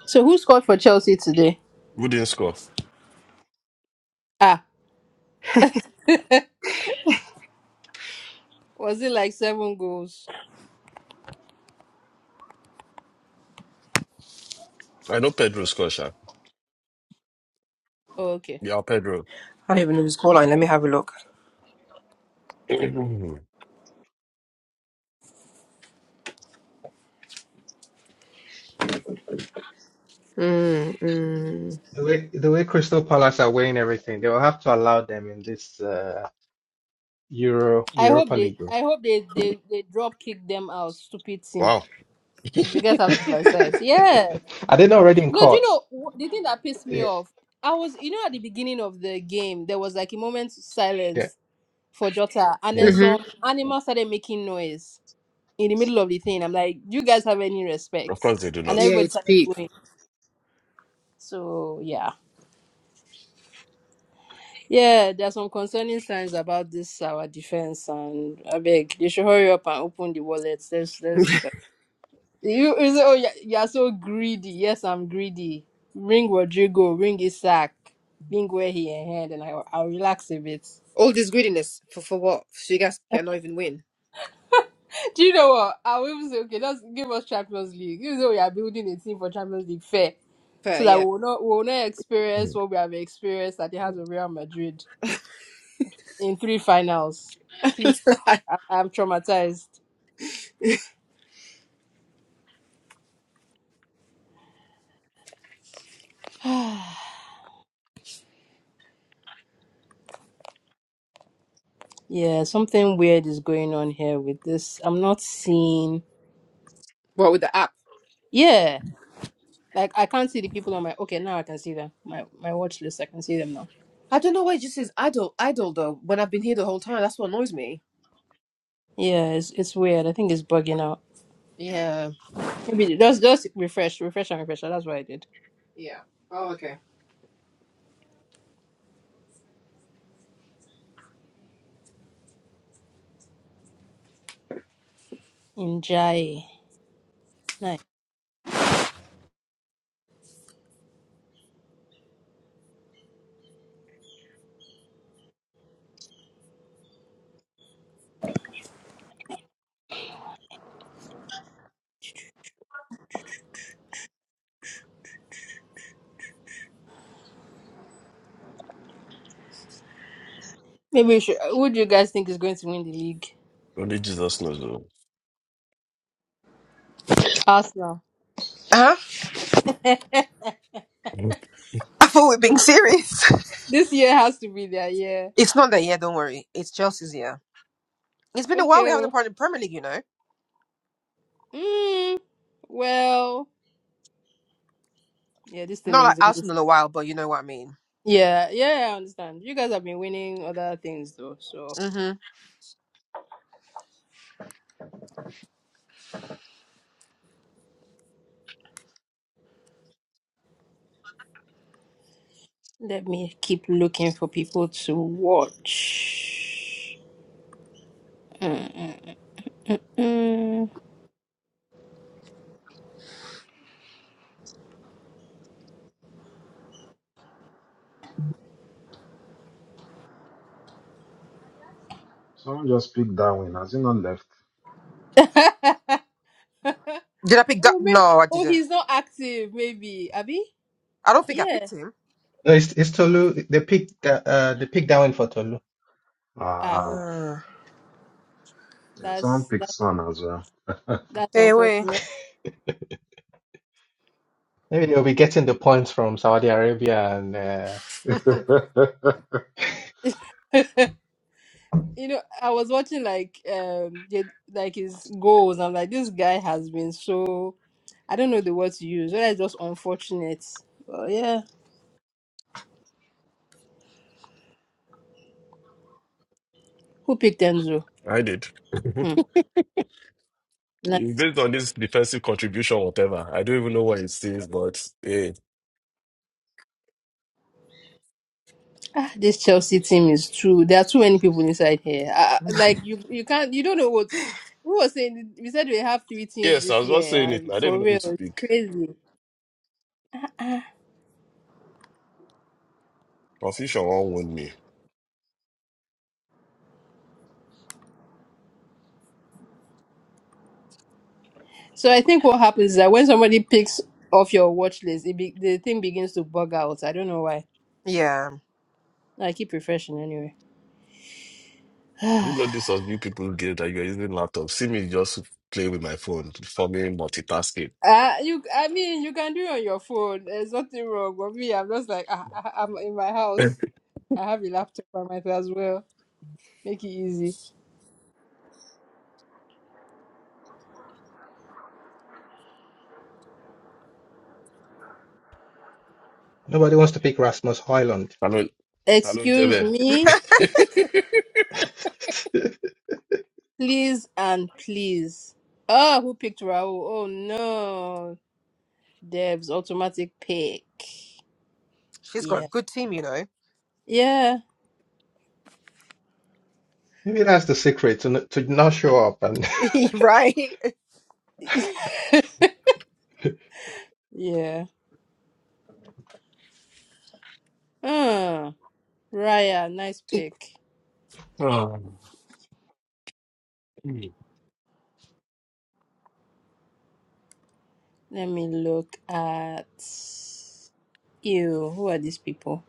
S1: So who scored for Chelsea today?
S3: who didn't score?
S1: Ah, was it like seven goals?
S3: I know Pedro scored, Sha.
S1: Oh, okay.
S3: Yeah, Pedro.
S6: I don't even know who's calling. Let me have a look.
S3: Mhm.
S6: Mm, mm.
S2: The way the way Crystal Palace are weighing everything, they will have to allow them in this uh, Euro
S1: I hope
S2: Europa
S1: they.
S2: League.
S1: I hope they. They. They drop kick them out. Stupid team.
S3: wow.
S1: You should get out of my sight. Yes.
S2: are they not already in
S1: No, do you
S2: courts?
S1: know wh- the thing that pissed me
S2: Yeah,
S1: off? I was, you know, at the beginning of the game, there was like a moment of
S2: yeah,
S1: silence for Jota, and then
S2: yeah.
S6: hmm
S1: some animals started making noise in the middle of the thing. I'm like, do you guys have any respect?
S3: Of course they do
S1: And
S6: Yeah,
S3: not.
S1: everybody
S6: it's
S1: started
S6: peak.
S1: going. So yeah, yeah, there are some concerning signs about this our defense, and I beg they should hurry up and open the wallets. Let's let's. like, You, you say, oh, you're, you're so greedy. Yes, I'm greedy. Ring Rodrigo, ring Isaac, ring where he and hand, and i I'll relax a bit.
S6: All this greediness for for what? So you guys cannot even win.
S1: Do you know what? I'll even say, okay, let's give us Champions League. Even though we are building a team for Champions League fair,
S6: Fair,
S1: so that
S6: yeah.
S1: we will not, we will not experience
S3: Mhm.
S1: what we have experienced at the hands of Real Madrid in three finals. Please, I, I'm traumatized. yeah, something weird is going on here with this. I'm not seeing.
S6: What with the app?
S1: Yeah. Like I can't see the people on my okay now I can see them my my watch list I can see them now.
S6: I don't know why it just says idle, idle though. When I've been here the whole time, that's what annoys me.
S1: Yeah, it's it's weird. I think it's bugging out.
S6: Yeah.
S1: Maybe just just refresh, refresh and refresh. That's what I did.
S6: Yeah. Oh, okay.
S1: Injai, nice. Maybe we should. Who do you guys think is going to win the league?
S3: Only Jesus knows, though.
S1: Arsenal.
S6: Uh huh.
S3: Mhm.
S6: I thought we were being serious.
S1: This year has to be their year.
S6: it's not that. Yeah, don't worry. It's Chelsea's. yeah. It's been a while
S1: Okay.
S6: we haven't had a
S1: oh.
S6: part in Premier League, you know.
S1: Mm, well, yeah. This thing
S6: Not
S1: is
S6: like
S1: doing this.
S6: Arsenal a while, but you know what I mean.
S1: Yeah, yeah. I understand. You guys have been winning other things though, so
S6: hmm
S1: let me keep looking for people to watch. Mm.
S4: Someone just picked Darwin. Has he not left?
S1: oh,
S6: Did I pick that?
S1: may-
S6: No, I
S1: oh,
S6: didn't.
S1: he's not active, maybe. Abby?
S6: I don't think I
S1: Yeah.
S6: picked him.
S2: No, it's, it's Tolu. They picked uh, uh, they picked Darwin for Tolu.
S1: Ah,
S4: Ah,
S6: Uh,
S4: yeah, someone
S1: that's
S4: picked
S1: that's
S4: Son as well.
S1: that's
S6: anyway,
S1: unfortunate.
S2: Maybe they'll be getting the points from Saudi Arabia, and uh,
S1: you know, I was watching like um the- like his goals. I'm like, this guy has been so I don't know the word to use. Whether it's just unfortunate. Well, yeah. Who picked Enzo?
S3: I did. Mhm.
S1: Hmm. nah.
S3: Based on this defensive contribution, whatever, I don't even know what it says, but hey.
S1: Ah, this Chelsea team is true. There are too many people inside here. Uh, like you, you can't. You don't know what. Who was saying? We said we have three teams
S3: Yes, I
S1: this
S3: was not
S1: year,
S3: saying it.
S1: and
S3: I don't even
S1: for
S3: know who
S1: real,
S3: to
S1: it's
S3: pick.
S1: crazy.
S3: Confusion won't win me.
S1: So I think what happens is that when somebody picks off your watch list, it be, the thing begins to bug out. I don't know why.
S6: yeah,
S1: I keep refreshing anyway.
S3: I didn't know this was new people game that you're using laptop. See me just play with my phone, for me multitasking.
S1: Uh, you, I mean, you can do it on your phone. There's nothing wrong. with me, I'm just like, I, I, I'm in my house. I have a laptop. I might as well make it easy.
S2: nobody wants to pick Rasmus Højlund.
S3: I know Hello,
S1: Excuse
S3: Jebe.
S1: me. Please and please. Oh, who picked Raul? Oh no. Dev's automatic pick.
S6: she's got
S1: Yeah.
S6: a good team, you know.
S1: Yeah.
S2: Maybe that's the secret to n- to not show up and.
S6: right?
S1: yeah. Uh, Raya, nice pick.
S3: oh, mm.
S1: Let me look at you. Who are these people?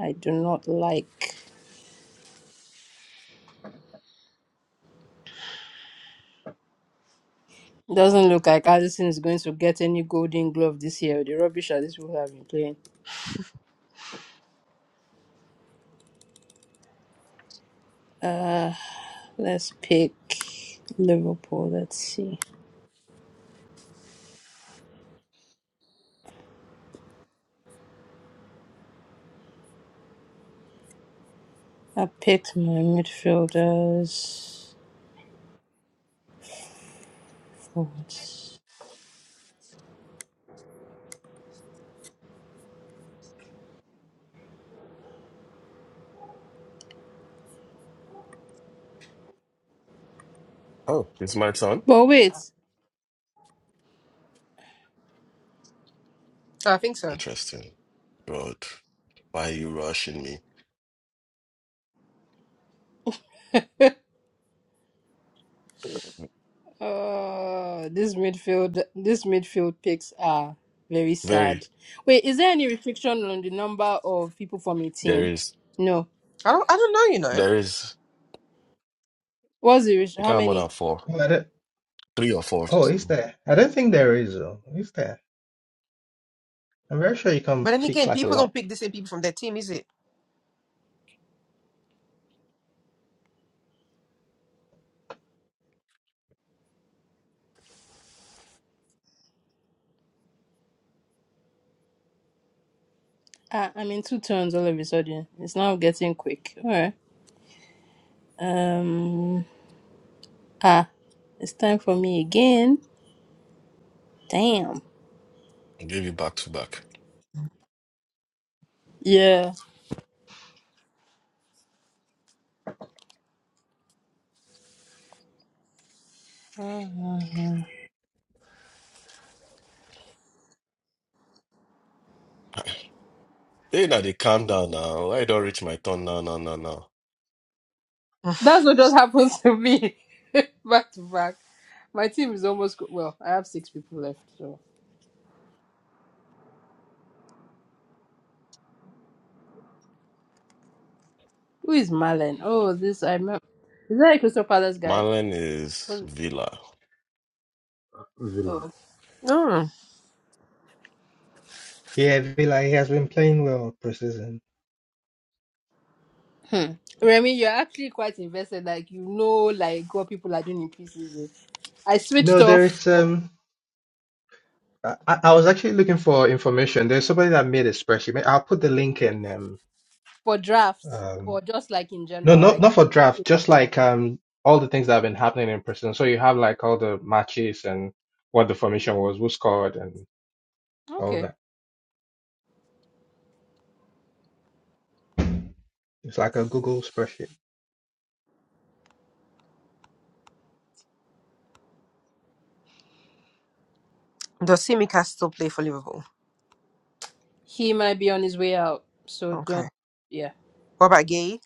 S1: I do not like. Doesn't look like Allison is going to get any golden glove this year. The rubbish that these people have been playing. Uh let's pick Liverpool. Let's see. I picked my midfielders, forwards.
S3: Oh, it's my turn.
S1: But wait,
S6: I think so.
S3: Interesting. God, why are you rushing me?
S1: uh, this midfield, this midfield picks are very
S3: Very.
S1: sad. Wait, is there any restriction on the number of people from a
S3: There
S1: team?
S3: is.
S1: No.
S6: I don't. I don't know, you know.
S3: There is.
S1: What's the rest-
S3: You
S1: how
S3: can't have more
S1: many?
S3: than four. Three or four.
S2: Oh, is
S3: So
S2: there? I don't think there is, though. Is there? I'm very sure you
S6: But
S2: can
S6: then
S2: pick
S6: again,
S2: like a
S6: people
S2: lot.
S6: don't pick the same people from their team, is it?
S1: Ah, I'm in two turns all of a sudden. It's now getting quick. All right. Um. Ah, it's time for me again. Damn.
S3: I'll give you back to back.
S1: Yeah.
S3: Hey, now they calm down now. I don't reach my turn now, now, now, now.
S1: That's what just happened to me. back to back. My team is almost go- well, I have six people left, so who is Marlon? Oh, this I remember. Is that a Crystal Palace guy?
S3: Marlon is
S1: Was
S3: Villa.
S4: Villa.
S1: oh
S6: Mm.
S2: Yeah, Villa, he has been playing well preseason.
S1: hmm. Remy, you're actually quite invested, like you know like what people are doing in preseason. I switched
S2: No, there
S1: off
S2: is. Um, I, I I was actually looking for information. There's somebody that made a spreadsheet. May- I'll put the link in. Um,
S1: for drafts or
S2: um,
S1: just like in
S2: no,
S1: general,
S2: not
S1: like
S2: not for
S1: you
S2: draft.
S1: know.
S2: Just like um, all the things that have been happening in preseason. So you have like all the matches and what the formation was, who scored, and all
S1: Okay.
S2: that. It's like a Google spreadsheet.
S6: Does Simicast still play for Liverpool?
S1: He might be on his way out, so don't
S6: Okay.
S1: yeah.
S6: What about Gay?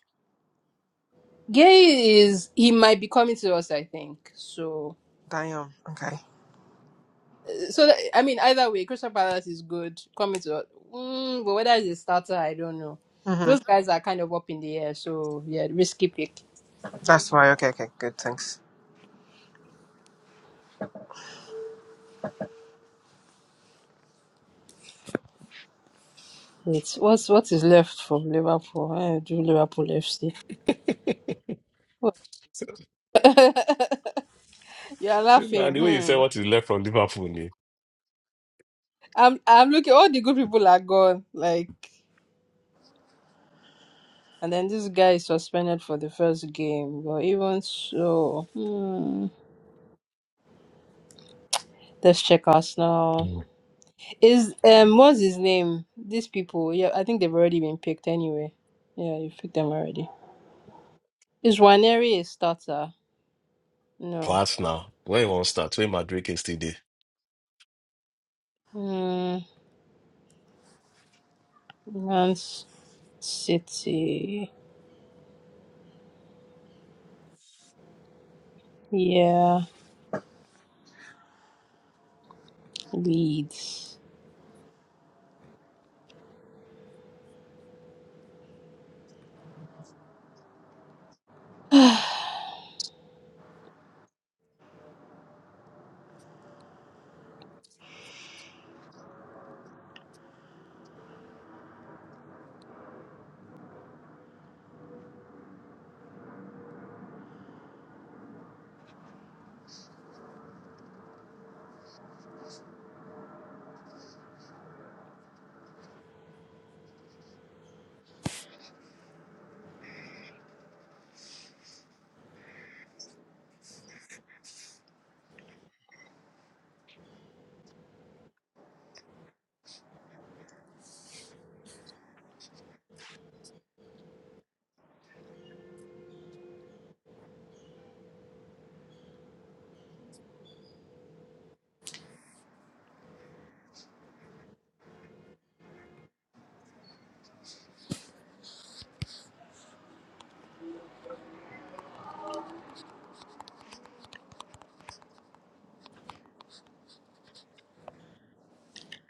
S1: Gay is he might be coming to us, I think. So
S6: Damn. Okay.
S1: So that, I mean, either way, Crystal Palace is good. Coming to, mm, but whether it's a starter, I don't know.
S6: hmm
S1: Those guys are kind of up in the air, so yeah, risky pick.
S6: That's why. Okay. Okay. Good. Thanks.
S1: Wait, what's what is left for Liverpool? I do Liverpool FC. you are
S3: Now,
S1: laughing.
S3: the way you say
S1: Hmm.
S3: what is left from Liverpool, me.
S1: I'm I'm looking. All the good people are gone. Like, and then this guy is suspended for the first game. But even so, hmm. Let's check Arsenal. Is um what's his name? These people, yeah, I think they've already been picked anyway. Yeah, you picked them already. Is Waneri a starter? No.
S3: That's now. Where you want to start? Where Madrid is today?
S1: Mm, Man City. Yeah. Leeds.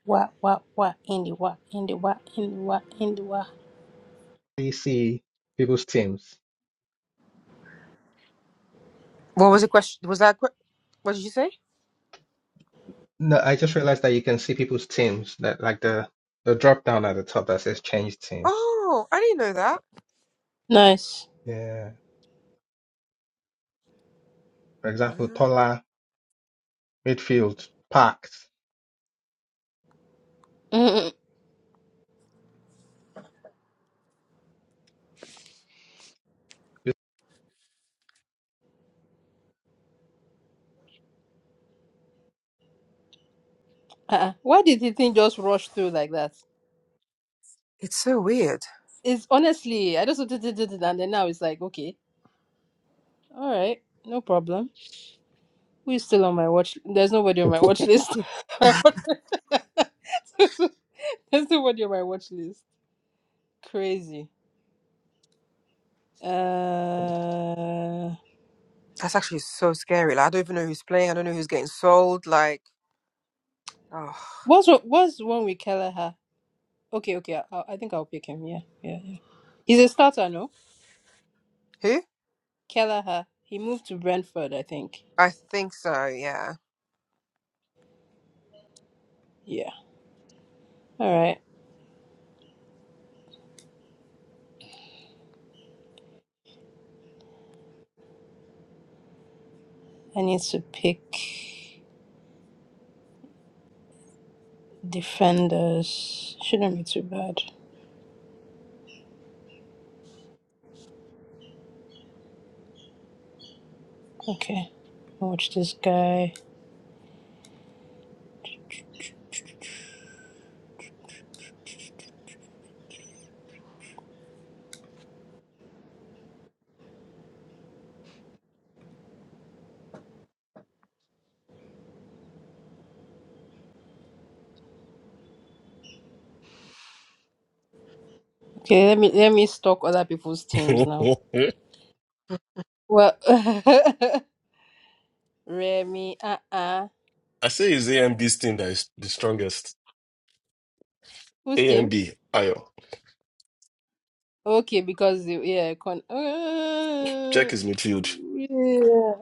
S1: What what what Indy what Indy what Indy what Indy what
S2: You see people's teams.
S6: What was the question? Was that? a que- What did you say?
S2: No, I just realized that you can see people's teams that like the the drop down at the top that says change team.
S6: Oh, I didn't know that.
S1: Nice.
S2: Yeah. For example,
S6: Uh,
S2: Tola, midfield, packed.
S1: Mm-mm. Uh-uh. Why did the thing just rush through like that?
S6: It's so weird.
S1: It's honestly I just and then now it's like okay. Alright, no problem. Who's still on my watch? There's nobody on my watch list. My watch- There's nobody on my watch list. Crazy. Uh,
S6: That's actually so scary. Like, I don't even know who's playing. I don't know who's getting sold. Like, oh,
S1: what's wha- what's one with Kelleher? Okay, okay. I, I think I'll pick him. Yeah, yeah, yeah. He's a starter, no?
S6: who?
S1: Kelleher. He moved to Brentford, I think.
S6: I think so. Yeah.
S1: Yeah. All right. I need to pick defenders. Shouldn't be too bad. Okay. Watch this guy. Okay, let me let me stalk other people's teams
S3: I
S1: now. Well, Remy, uh uh
S3: say it's AMD's thing that is the strongest. A
S1: Who's
S3: M
S1: team?
S3: B, Ayo.
S1: Okay, because, the, yeah, con- uh,
S3: Check his midfield.
S1: yeah.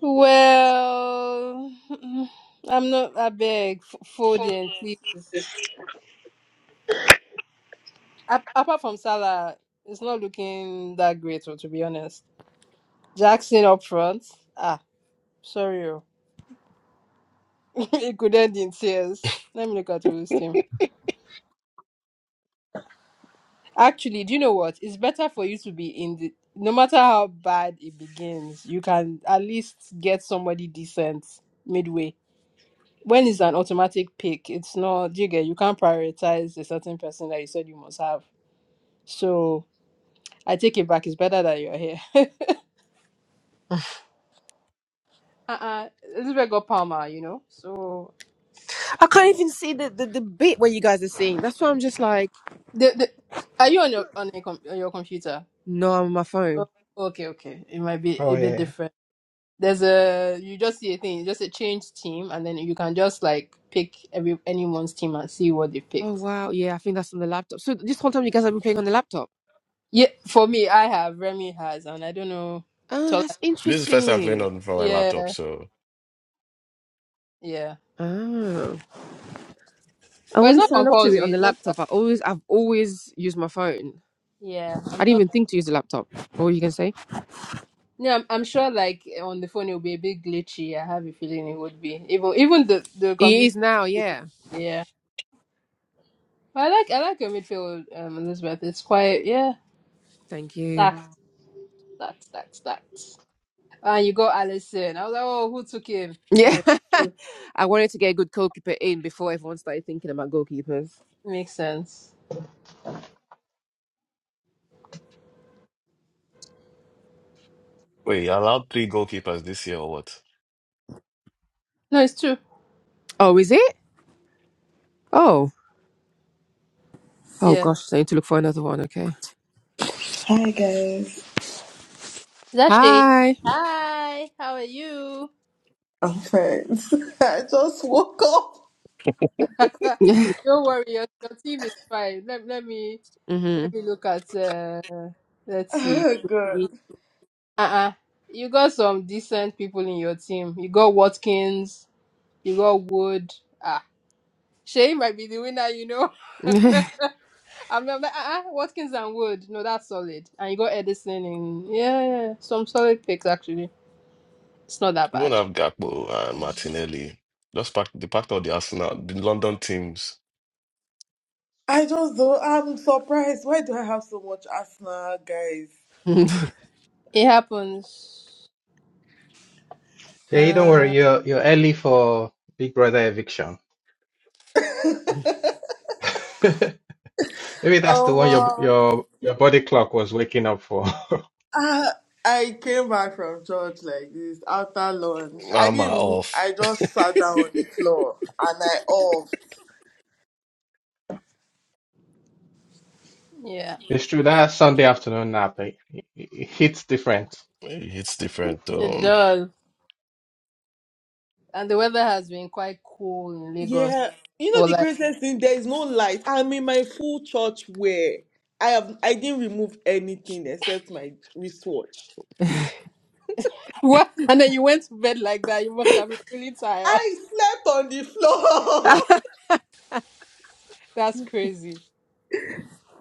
S1: Well, I'm not, I beg, f- Foden, please. Ap- apart from Salah, it's not looking that great, oh, to be honest. Jackson up front. Ah, sorry. oh. it could end in tears. Let me look at who's
S3: Hmm,
S1: team. Actually, do you know what? It's better for you to be in the no matter how bad it begins, you can at least get somebody decent midway. When it's an automatic pick, it's not do you get you can't prioritize a certain person that you said you must have. So I take it back. It's better that you're here. uh-uh. Elizabeth got Palmer, you know. So
S6: I can't even see the, the, the bit where you guys are seeing. That's why I'm just like,
S1: the, the are you on your on, a com- on your computer?
S6: no, I'm on my
S1: Oh,
S6: phone.
S1: okay, okay. It might be
S2: Oh
S1: a bit
S2: yeah.
S1: different. There's a you just see a thing, you just a change team, and then you can just like pick every anyone's team and see what they
S6: Oh
S1: picked.
S6: wow, yeah, I think that's on the laptop. So this whole time you guys have been playing on the laptop.
S1: Yeah, for me, I have Remy has, and I don't know.
S6: Oh,
S1: Tola,
S6: that's
S3: This is the first time playing
S6: interesting.
S3: on from my
S1: yeah,
S3: laptop, so
S1: yeah,
S6: Oh, I
S1: but it's
S6: only
S1: not
S6: signed up to it on
S1: compulsory.
S6: the
S1: It's just that,
S6: laptop. I always, I've always used my phone.
S1: yeah,
S6: I
S1: I'm
S6: didn't
S1: sure.
S6: even think to use the laptop. What were you gonna say?
S1: No, I'm, I'm sure. Like on the phone, it'll be a bit glitchy. I have a feeling it would be even even the the
S6: It
S1: computer.
S6: is now. Yeah.
S1: Yeah, but I like I like your midfield, um, Elizabeth. It's quite yeah,
S6: Thank you.
S1: stacked, stacked, stacked, stacked. And you got Allison. I was like, oh, who took him?
S6: Yeah.
S1: Like, mm,
S6: I wanted to get a good goalkeeper in before everyone started thinking about goalkeepers.
S1: makes sense.
S3: wait, you allowed three goalkeepers this year or what?
S1: No, it's true.
S6: Oh, is it? Oh. Oh
S1: Yeah.
S6: gosh, so I need to look for another one. Okay.
S7: Hi guys,
S1: Is that Shay?
S6: Hi.
S1: Hi, how are you?
S7: I'm friends. I just woke up.
S1: Don't worry, your, your team is fine. Let, let me
S6: mm-hmm.
S1: let me look at uh let's see.
S7: Oh god,
S1: Uh-uh. You got some decent people in your team. You got Watkins, you got Wood. Ah. Shay might be the winner, you know. I'm, I'm like, uh-uh, Watkins and Wood. No, that's solid. And you got Edison in. Yeah, yeah. yeah. Some solid picks, actually. It's not that
S3: We won't
S1: bad.
S3: have Gakpo and
S7: It's just-
S3: Martinelli. Just packed they packed all the Arsenal, the London teams.
S7: I just don't. I'm surprised. Why do I have so much asthma, guys?
S1: It happens.
S2: Hey, don't
S1: Uh,
S2: worry, you're you're early for Big Brother eviction. Maybe that's the
S7: Oh
S2: one your
S7: wow.
S2: your your body clock was waking up for.
S7: I, I came back from church like this after lunch. I
S3: I'm
S7: didn't. even-
S3: off.
S7: I just sat down on the floor and I off.
S1: yeah,
S2: It's true that Sunday afternoon nap it, it, it hits different.
S3: Hey, It's different.
S1: it
S3: though.
S1: does. And the weather has been quite cool in Lagos
S7: Yeah, you know
S1: for
S7: the
S1: like,
S7: craziest thing. There is no light. I'm in my full church wear. I have. I didn't remove anything except my wristwatch.
S1: what? And then you went to bed like that. You must have been really tired.
S7: I slept on the floor
S1: That's crazy.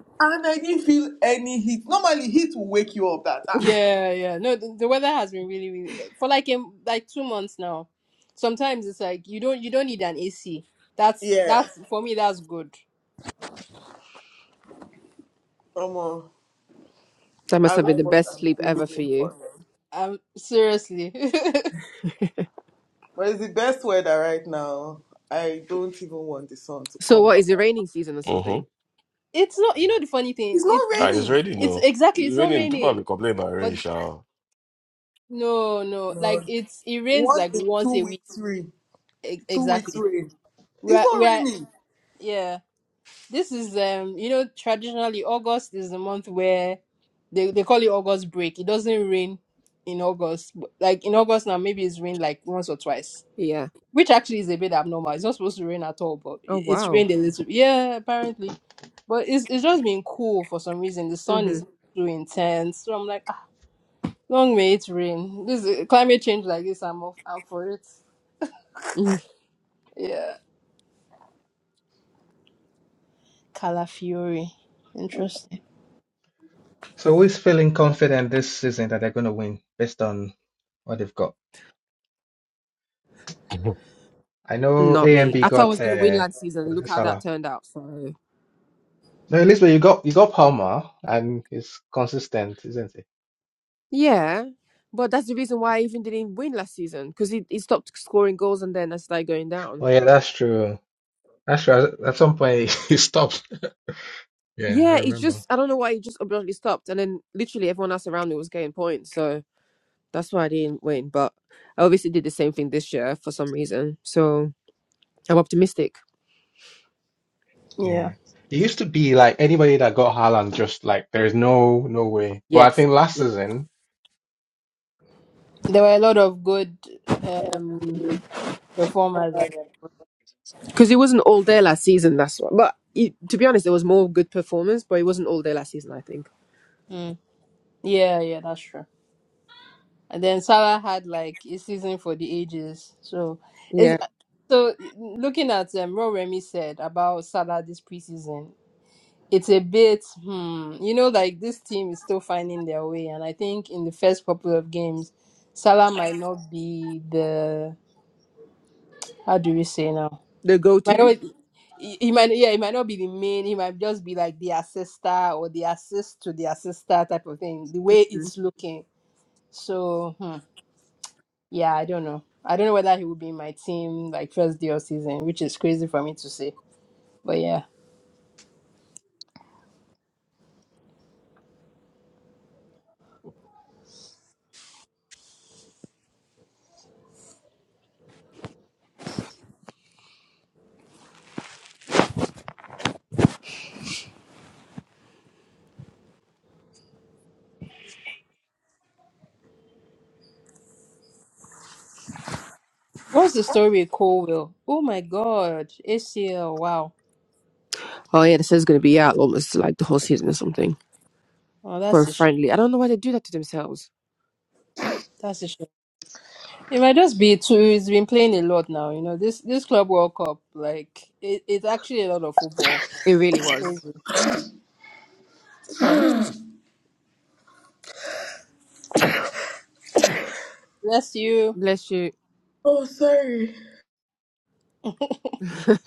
S7: and I didn't feel any heat. Normally, heat will wake you up. That uh-uh.
S1: Yeah, yeah. No, the, the weather has been really, really, for like, in, like two months now. Sometimes it's like, you don't, you don't need an AC. That's,
S7: yeah,
S1: that's, for me, that's good
S7: come on.
S6: that
S7: I
S6: must have
S7: don't
S6: been
S7: know
S6: the
S7: what
S6: best
S7: I'm
S6: sleep
S7: doing
S6: ever for
S7: here
S6: you.
S7: for.
S1: Um, seriously, it's
S7: But it's the best weather right now. I don't even want the sun to
S6: So
S7: come
S6: what
S7: out.
S6: is it raining season or
S3: uh-huh.
S6: something?
S1: not. You know the funny thing,
S7: It's
S1: it's
S7: not
S3: I is
S7: raining.
S3: ready
S1: it's
S3: no.
S1: exactly it's not
S3: Raining, people have
S1: raining,
S3: been complaining about
S1: but
S3: rain, Sha.
S1: no, no,
S7: No,
S1: like it's it rains
S7: one
S1: like
S7: in
S1: once
S7: two
S1: a week
S7: weeks rain.
S1: e-
S7: Two weeks
S1: exactly.
S7: rain. It's
S1: We're
S7: not
S1: we're
S7: raining.
S1: yeah. This is um you know traditionally August is the month where they they call it August break. It doesn't rain in August, but, like in August now maybe it's rained like once or twice.
S6: Yeah.
S1: which actually is a bit abnormal. It's not supposed to rain at all, but
S6: Oh
S1: it- it's
S6: wow.
S1: rained a little. Yeah, apparently, but it's it's just been cool for some reason. The sun
S6: Mm-hmm.
S1: is not too intense, so I'm like, ah, long may it rain. This is- climate change like this, I'm off, I'm for it.
S6: Mm-hmm.
S1: Yeah, Calafiori, interesting.
S2: So who is feeling confident this season that they're going to win based on what they've got? I know
S6: Not
S2: A and
S6: me.
S2: B
S6: I thought I was
S2: got
S6: gonna win
S2: uh,
S6: last season.
S2: was
S6: Look
S2: it
S6: how that
S2: Salah?
S6: turned out. So
S2: No, at least but you got you got Palmer and he's consistent, isn't he?
S6: Yeah, but that's the reason why I even didn't win last season because he, he stopped scoring goals and then I started going down.
S2: Oh yeah, that's true. That's true. At some point he stopped. Yeah, I
S6: Yeah, it
S2: remember.
S6: just, I don't know why he just abruptly stopped. And then literally everyone else around me was getting points. So that's why I didn't win. But I obviously did the same thing this year for some reason. So I'm optimistic.
S1: Yeah,
S2: Yeah. It used to be like anybody that got Haaland just like there's no no way. But I
S6: Yes.
S2: think last season
S1: there were a lot of good um performers. I-
S6: Because it wasn't all there last season. That's why. But it, to be honest, there was more good performance, but it wasn't all there last season, I think.
S1: Mm. Yeah, yeah, that's true. And then Salah had like a season for the ages. So it's
S6: Yeah.
S1: so looking at um what Remy said about Salah this preseason, it's a bit hmm, you know, like this team is still finding their way. And I think in the first couple of games, Salah might not be the how do we say now?
S6: The go
S1: Might
S6: to.
S1: not he, he might yeah, he might not be the main, he might just be like the assister or the assist to the assister type of thing, the way it's looking. So hmm. Yeah, I don't know. I don't know whether he will be in my team like first day of season, which is crazy for me to say. But yeah. What's the story with Colville? Oh my god. ACL, wow.
S6: Oh, yeah, this is going to be out almost like the whole season or something.
S1: Oh
S6: so
S1: that's a sh-
S6: friendly. I don't know why they do that to themselves.
S1: that's a shame. It might just be too he's been playing a lot now, you know. This this Club World Cup, like it, it's actually a lot of football.
S6: It really was.
S1: Crazy. Bless you.
S6: Bless you.
S7: Oh, sorry.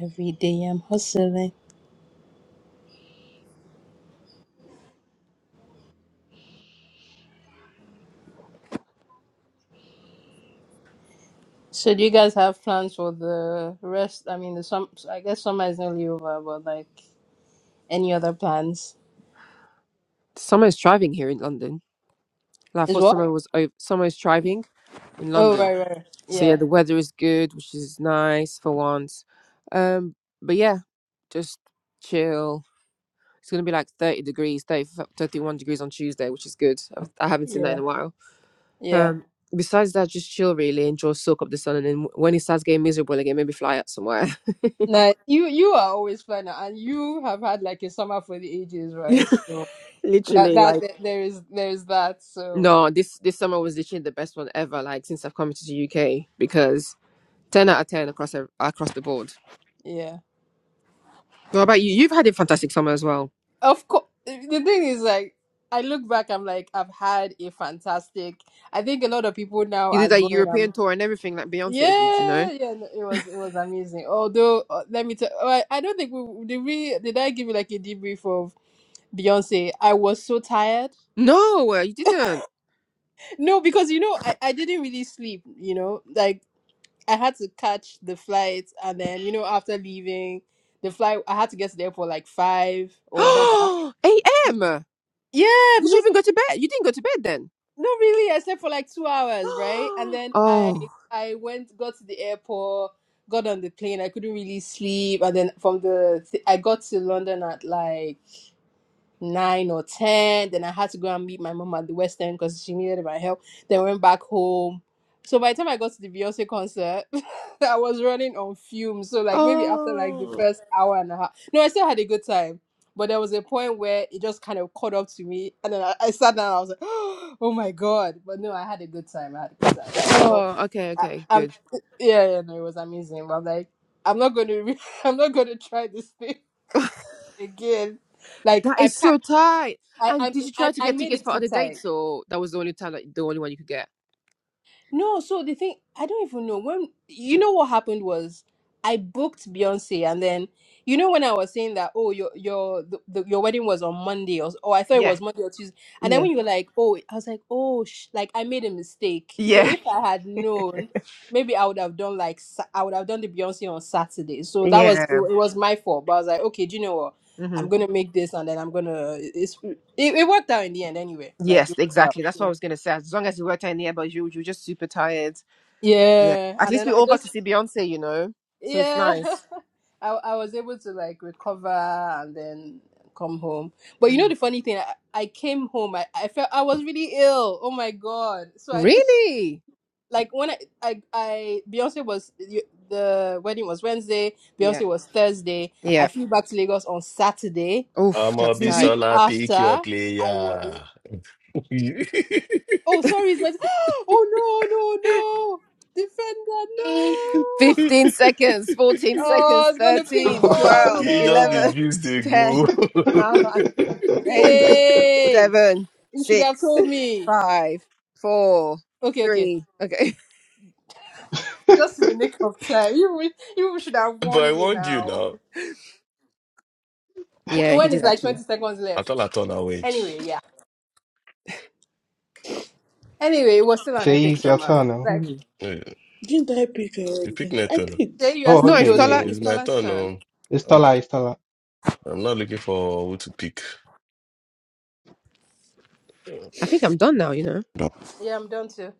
S1: Every day I'm hustling. So do you guys have plans for the rest? I mean the sum I guess summer is nearly over, but like any other plans?
S6: Summer is thriving here in London. Like, I
S1: Is
S6: thought
S1: what?
S6: summer was over. Summer is thriving in
S1: Oh
S6: London.
S1: right, right.
S6: So yeah,
S1: Yeah,
S6: the weather is good, which is nice for once. Um, but yeah, just chill. It's gonna be like thirty degrees, 30 31 degrees on Tuesday, which is good. I've- I haven't seen that
S1: yeah,
S6: in a while.
S1: yeah.
S6: Um, besides that, just chill, really, enjoy, soak up the sun, and then when it starts getting miserable again, maybe fly out somewhere.
S1: Now you you are always planning, and you have had like a summer for the ages, right? So that
S6: literally,
S1: that
S6: like.
S1: th- there is there is that. So
S6: No, this this summer was literally the best one ever, like since I've come to the UK because ten out of ten across ev- across the board.
S1: yeah,
S6: What about you? You've had a fantastic summer as well.
S1: of course. The thing is, like, I look back, I'm like, I've had a fantastic. I think a lot of people now
S6: You did
S1: are
S6: that
S1: going. I'm
S6: European tour and everything like Beyonce did, you know?
S1: yeah, yeah. no, It was it was amazing. Although, uh, let me tell. oh, I, I don't think we did. We did I give you like a debrief of Beyonce? I was so tired.
S6: No, uh, you didn't.
S1: No, because you know, I, I didn't really sleep, you know, like I had to catch the flight and then, you know, after leaving the flight, I had to get to the airport like five or whatever.
S6: AM.
S1: Yeah,
S6: Did you
S1: because
S6: even go to bed? You didn't go to bed then.
S1: no, really, I slept for like two hours, right? And then I
S6: oh.
S1: I went, got to the airport, got on the plane. I couldn't really sleep, and then from the th- I got to London at like nine or ten. Then I had to go and meet my mom at the West End because she needed my help. Then went back home. So by the time I got to the Beyonce concert, I was running on fumes. So like maybe after like the
S6: Oh.
S1: first hour and a half, no, I still had a good time. But there was a point where it just kind of caught up to me, and then I, I sat down. And I was like, "Oh my god!" But no, I had a good time. I had a good time. Well,
S6: Oh, okay,
S1: I,
S6: okay,
S1: I'm,
S6: good.
S1: yeah, yeah, no, it was amazing. But I'm like, I'm not going to, re- I'm not going to try this thing again. Like
S6: That
S1: I
S6: is
S1: packed.
S6: so tight.
S1: I,
S6: And
S1: I
S6: did you
S1: I
S6: try to
S1: I
S6: get
S1: made
S6: tickets
S1: it
S6: for
S1: too
S6: other
S1: tight.
S6: dates or that was the only time that the only one you could get?
S1: No, so the thing I don't even know when you know what happened was I booked Beyonce and then you know when I was saying that oh your your the, the, your wedding was on Monday or oh I thought it
S6: Yeah,
S1: was Monday or Tuesday and then
S6: yeah,
S1: when you were like oh I was like oh sh-, like I made a mistake so
S6: yeah,
S1: if I had known maybe I would have done like Sa- I would have done the Beyonce on Saturday so that was
S6: yeah.
S1: it, it was my fault but I was like okay do you know what
S6: hmm
S1: I'm gonna make this and then I'm gonna it's it, it worked out in the end anyway like
S6: Yes,
S1: it worked
S6: exactly. That's
S1: out
S6: what I was gonna say. As long as you worked out in the air, but you you're just super tired. Yeah.
S1: Yeah,
S6: At
S1: and
S6: least
S1: then
S6: we
S1: I
S6: all got to
S1: just
S6: see Beyonce, you know. So it's
S1: yeah,
S6: nice.
S1: I I was able to like recover and then come home. But you know
S6: Mhm.
S1: the funny thing, I, I came home. I, I felt I was really ill. Oh my god! So I did
S6: Really?
S1: like when I I, I Beyonce was you- the wedding was Wednesday.
S6: Yeah.
S1: Beyonce was Thursday.
S6: Yeah.
S1: I flew back to Lagos on Saturday.
S6: Oof,
S3: I'm a
S6: that's
S1: The
S6: tight.
S1: week
S3: Bisola pick your
S1: after, I was
S3: player.
S1: oh sorry, it's my oh no no no defender no.
S6: 15 seconds, 14
S1: Oh, I
S6: seconds,
S1: was gonna pick.
S6: 13,
S1: Oh
S6: 12,
S3: He just the
S6: 11,
S3: juice they
S6: 10,
S3: go.
S6: 9,
S1: no!
S6: 8,
S1: Yay!
S6: 7,
S1: You should have
S6: 6,
S1: told me.
S6: 5, 4,
S1: Okay, okay.
S6: 3. Okay.
S1: Just in the nick of time. You wi- you should have
S3: but I
S1: warned me
S3: warned you
S1: now.
S3: now.
S1: Wh-
S6: Yeah, he
S1: When is
S6: did
S1: like
S6: actually.
S1: twenty seconds
S3: I
S1: left?
S3: thought I turn away.
S1: Anyway, yeah. Anyway, it was still an
S2: Shay,
S1: epic
S2: it's your
S1: summer.
S2: turn now.
S1: Like,
S6: hmm
S3: Wait,
S7: Didn't I pick
S3: You pick
S7: already? I
S3: Nathan.
S1: Jay,
S7: picked.
S1: you are
S2: Oh,
S6: No,
S1: still
S6: it's
S2: okay,
S6: Tola.
S2: yeah,
S1: dozing.
S2: yeah,
S6: It's
S3: It's my
S2: yeah.
S6: Tola's
S3: turn.
S6: turn.
S3: Um,
S2: It's
S3: I'm,
S2: Tola, it's Tola.
S3: I'm not looking for who to pick. Oh,
S6: I think I'm done now, you know.
S1: Yeah, I'm done too.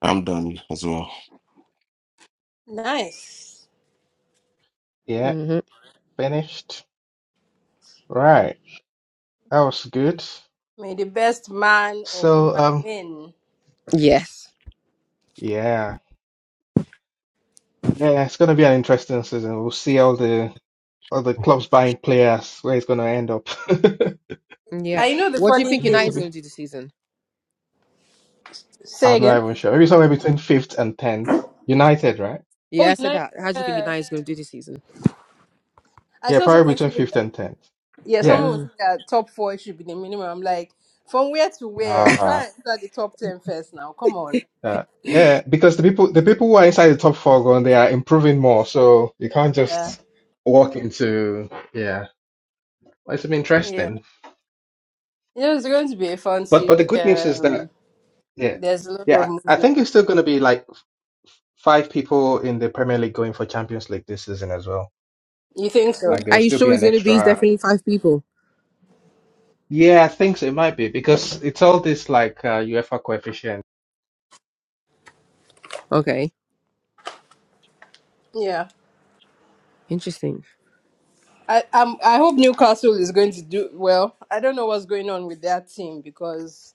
S3: I'm done as well.
S1: Nice.
S2: Yeah,
S6: hmm
S2: finished. Right. That was good.
S1: May the best man or
S2: So
S1: woman
S2: um
S1: win.
S6: Yes.
S2: yeah. Yeah, it's gonna be an interesting season. We'll see all the all the clubs buying players, where it's gonna end up.
S6: Yeah.
S1: I know the
S6: What do you
S1: funny
S6: think
S2: Maybe to
S6: United's
S1: things.
S2: be
S6: going to do this season?
S1: Say
S2: I'm not
S1: again.
S2: even sure. Maybe somewhere between fifth and tenth. United, right?
S1: Oh,
S6: Yeah, I
S1: you
S6: said
S1: know.
S6: that. How do you think
S1: yeah.
S6: United's going to do this season?
S1: I
S2: Yeah,
S1: saw
S2: probably
S1: someone.
S2: between
S1: saying
S2: fifth and tenth.
S1: Yeah,
S2: Yeah.
S1: someone was
S6: Ah.
S1: saying that top four should be the minimum. I'm like, from where to where?
S2: Uh,
S1: Try and enter the top ten first now. Come on.
S2: uh, yeah, because the people the people who are inside the top four going, they are improving more, so you can't
S1: Yeah.
S2: just walk into yeah. Well, it's been
S1: Yeah.
S2: interesting.
S1: It was going to be a
S2: But
S1: fancy
S2: but the good news is
S1: um
S2: that yeah.
S1: there's a lot of
S2: Yeah, I
S1: movement.
S2: think it's still gonna be like five people in the Premier League going for Champions League this season as well.
S1: You think
S2: Like
S1: so?
S6: Are
S2: there'll
S6: you
S2: still be
S6: sure it's
S2: an
S6: going to be? It's
S2: extra
S6: definitely five people.
S2: Yeah, I think so. It might be because it's all this like uh, UEFA coefficient.
S6: Okay.
S1: Yeah.
S6: Interesting.
S1: I um I hope Newcastle is going to do well. I don't know what's going on with that team because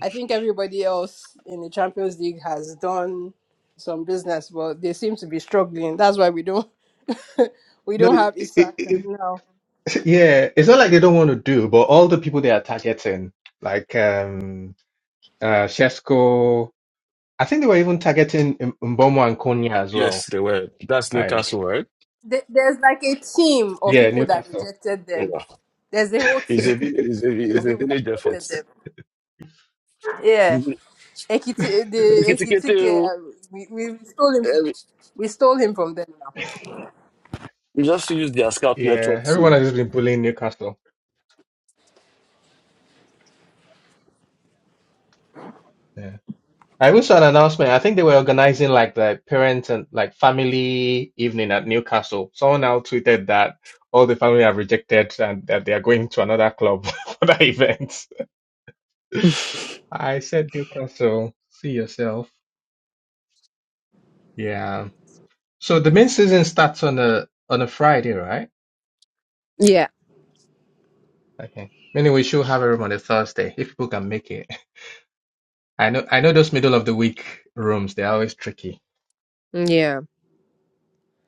S1: I think everybody else in the Champions League has done some business, but they seem to be struggling. That's why we don't we
S2: No,
S1: don't
S2: it,
S1: have Isaac
S2: it,
S1: now.
S2: Yeah, it's not like they don't want to do, but all the people they are targeting, like um uh Shesko, I think they were even targeting M- Mbomo and Konya as
S3: Yes,
S2: well.
S3: they were. That's
S2: Like,
S3: Newcastle, right?
S1: There- There's like a team of
S2: yeah, yeah,
S1: people that
S2: Newcastle.
S1: rejected
S3: Yeah.
S1: them. There's a whole
S3: It's
S1: team
S3: a village. It's a, it's
S1: of
S3: a
S1: people that
S3: village effort.
S1: rejected them. Yeah,
S3: Mhm.
S1: Ekiti, the
S3: Kitikete,
S1: Ekitike,
S3: o.
S1: uh, we, we stole him from
S3: eh,
S1: we stole him from them now.
S3: We just use their scout
S2: Yeah,
S3: network
S2: everyone
S3: to.
S2: has just been bullying Newcastle. Yeah. I even saw an announcement. I think they were organizing like the parent and like family evening at Newcastle. Someone now tweeted that all the family have rejected and that they are going to another club for that event. I said Newcastle, see yourself. Yeah. So the main season starts on a on a Friday, right?
S6: Yeah.
S2: Okay. Meaning we should have a room on a Thursday if people can make it. I know I know those middle of the week rooms, they're always tricky.
S6: Yeah.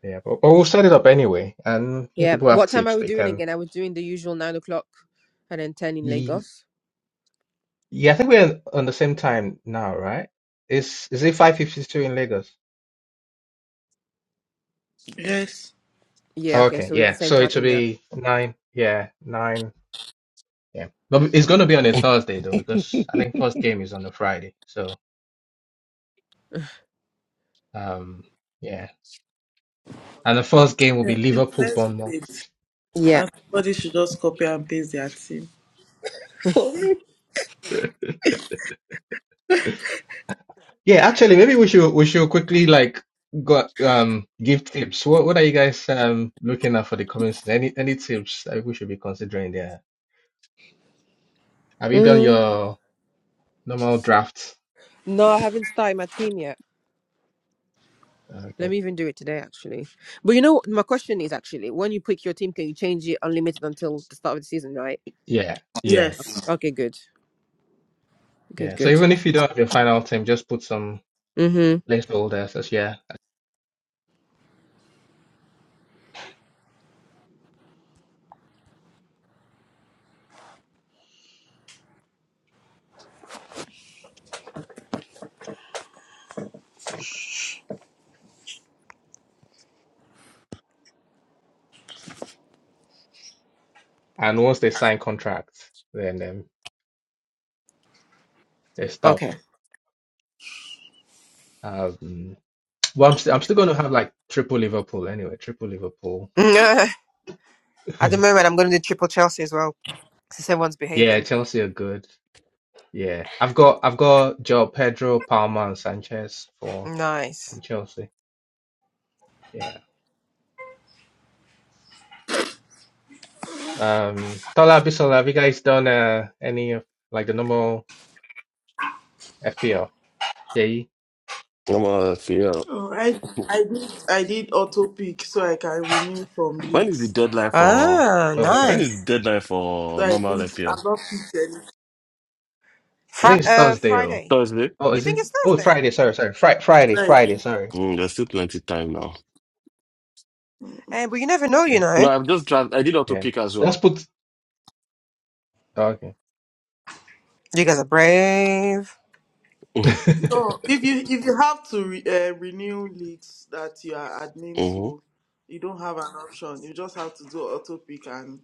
S2: Yeah, but, but we'll set it up anyway. And if
S6: Yeah.
S2: people have
S6: What time are
S2: tips,
S6: we
S2: they
S6: doing
S2: can.
S6: again? Are we doing the usual nine o'clock and then 10 in
S2: Ye-
S6: Lagos?
S2: Yeah, I think we're on the same time now, right? Is is it five fifty two in Lagos?
S7: Yes.
S6: Yeah. Okay.
S2: Okay,
S6: So we're the
S2: yeah.
S6: same
S2: So
S6: time
S2: it will
S6: now.
S2: be nine. Yeah, nine. Yeah, but it's going to be on a Thursday though, because I
S3: I'm
S2: think first game is on a Friday. So um, yeah. and the first game will
S7: Yeah,
S2: be Liverpool
S7: Let's do it.
S2: Bournemouth.
S6: Yeah.
S7: And somebody should just copy and paste their team. For real?
S2: Yeah, actually, maybe we should we should quickly like go um give tips. What what are you guys um looking at for the coming season? Any any tips that we should be considering there? Have you done
S6: Mm.
S2: your normal draft?
S6: No, I haven't started my team yet. Let
S2: Okay.
S6: me even do it today, actually. But you know, what my question is actually, when you pick your team, can you change it unlimited until the start of the season, right?
S2: Yeah, yeah,
S7: Yes.
S6: Okay, good, good,
S2: yeah. So
S6: good.
S2: even if you don't have your final team, just put some
S6: Mhm.
S2: placeholders as yeah. And once they sign contracts, then um, they stop.
S6: Okay.
S2: Um, well, I'm still I'm still going to have like triple Liverpool anyway. Triple Liverpool.
S6: At the moment, I'm going to do triple Chelsea as well, since everyone's
S2: Yeah,
S6: behaving.
S2: Chelsea are good. Yeah, I've got I've got Joe Pedro, Palma, and Sanchez for
S6: Nice.
S2: from Chelsea. Yeah. Um, Tola Bisola, have you guys done uh, any of like the normal FPL? JE?
S3: out of here.
S7: Oh, I I did I did auto pick so I can renew from
S3: When is the
S7: leagues.
S3: deadline for?
S6: Ah,
S2: Oh, okay.
S7: Yes.
S3: When is
S6: nice.
S3: deadline
S7: So
S3: for
S7: I
S3: normal
S7: didn't
S3: FPL?
S7: I've not picked any.
S2: I think
S6: Fri-
S2: it's
S6: uh,
S2: Thursday. Oh,
S6: Friday.
S3: Thursday.
S2: oh,
S6: You
S2: is
S6: think
S2: it?
S6: it's
S2: Oh,
S6: Thursday?
S2: Friday. Sorry, sorry. Fri Friday,
S7: So I did.
S2: Friday. Sorry.
S3: Mm, there's still plenty time now.
S6: Eh, but you never know, you
S2: Yeah,
S3: No,
S6: know.
S3: I've just tried. I did auto
S2: yeah.
S3: pick as well.
S2: Just put. Oh, okay.
S6: You guys are brave.
S7: No, if you if you have to re, uh, renew leagues that you are admin
S3: Mm-hmm.
S7: to, you don't have an option. You just have to do auto pick and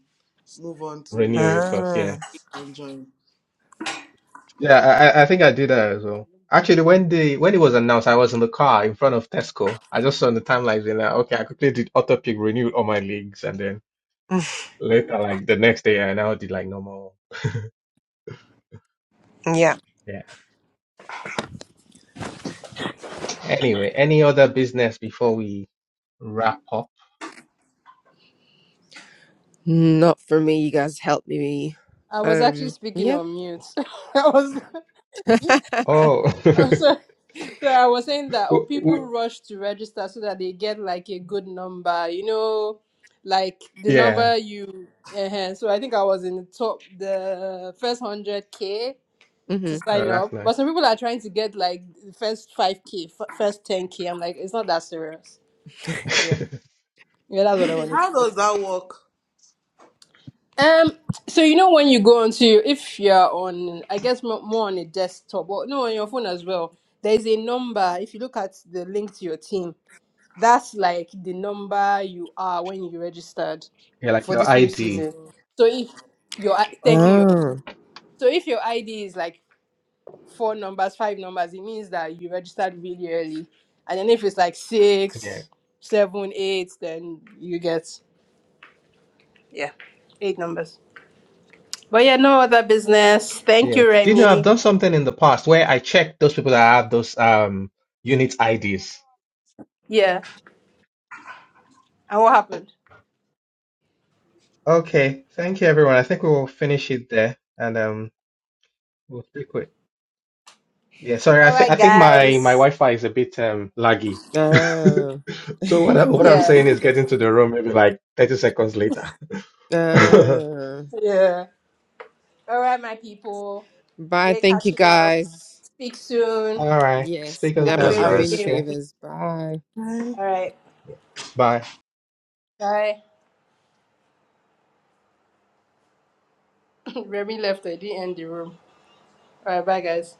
S7: move on to
S2: Renew
S7: renew
S2: it
S7: leagues
S2: first. Yeah.
S6: Ah.
S7: and join.
S2: Yeah, I, I I think I did that as well. Actually, when the when it was announced, I was in the car in front of Tesco. I just saw on the timelines and like, okay, I quickly did auto pick renewed all my leagues, and then later, like the next day, I now did like normal.
S6: Yeah.
S2: Yeah. Anyway, any other business before we wrap up?
S6: Not for me. You guys helped me.
S1: I was actually
S6: Um.
S1: speaking
S6: Yeah.
S1: on mute. I was
S2: Oh,
S1: I'm sorry. So I was saying that oh
S2: w-
S1: people
S2: w-
S1: rush to register so that they get like a good number, you know, like the
S2: yeah.
S1: number you uh so I think I was in the top the first hundred K
S6: hmm
S1: to
S2: Oh,
S1: sign
S2: that's
S1: up.
S2: nice.
S1: But some people are trying to get like the first 5k, f- first 10k. I'm like, it's not that serious. But yeah. Yeah, that's what I
S7: Really?
S1: wanted to
S7: How
S1: say.
S7: does that work?
S1: Um, so you know when you go onto if you're on, I guess mo- more on a desktop, or no, on your phone as well. There is a number. If you look at the link to your team, that's like the number you are when you registered
S2: Yeah, like
S1: for
S2: your
S1: this new
S2: ID.
S1: season. So if your I- thank you, your
S7: Oh.
S6: Oh,
S1: so if your ID is like four numbers, five numbers, it means that you registered really early. And then if it's like
S2: Yeah.
S1: six, seven, eight, then you get yeah, eight numbers. But yeah, no other business. Thank
S2: Yeah.
S1: you,
S2: Do you know I've
S1: Remy.
S2: done something in the past where I checked those people that have those um unit IDs.
S1: Yeah. And what happened?
S2: Okay, thank you everyone. I think we will finish it there and um we'll speak with yeah, sorry, I
S1: All
S2: think I
S1: right,
S2: think my my
S1: guys.
S2: Wi-Fi is a bit um laggy.
S6: oh,
S2: So what I, what I'm
S1: Yeah.
S2: saying is get into the room maybe like 30 seconds later. All
S6: oh.
S1: Yeah. All right, my people.
S6: Bye.
S1: Great
S6: Thank you
S1: catching up.
S6: guys.
S1: Speak soon.
S2: right,
S6: Yes.
S2: speak on
S1: Have a
S3: Yes,
S1: great,
S6: I'll be
S2: Thursday.
S6: in
S3: guys.
S6: your
S1: great
S2: Cheers.
S1: week.
S6: favors. Bye.
S1: All right.
S2: Bye.
S1: Bye. Remy left. I didn't end the room. All right. Bye, guys.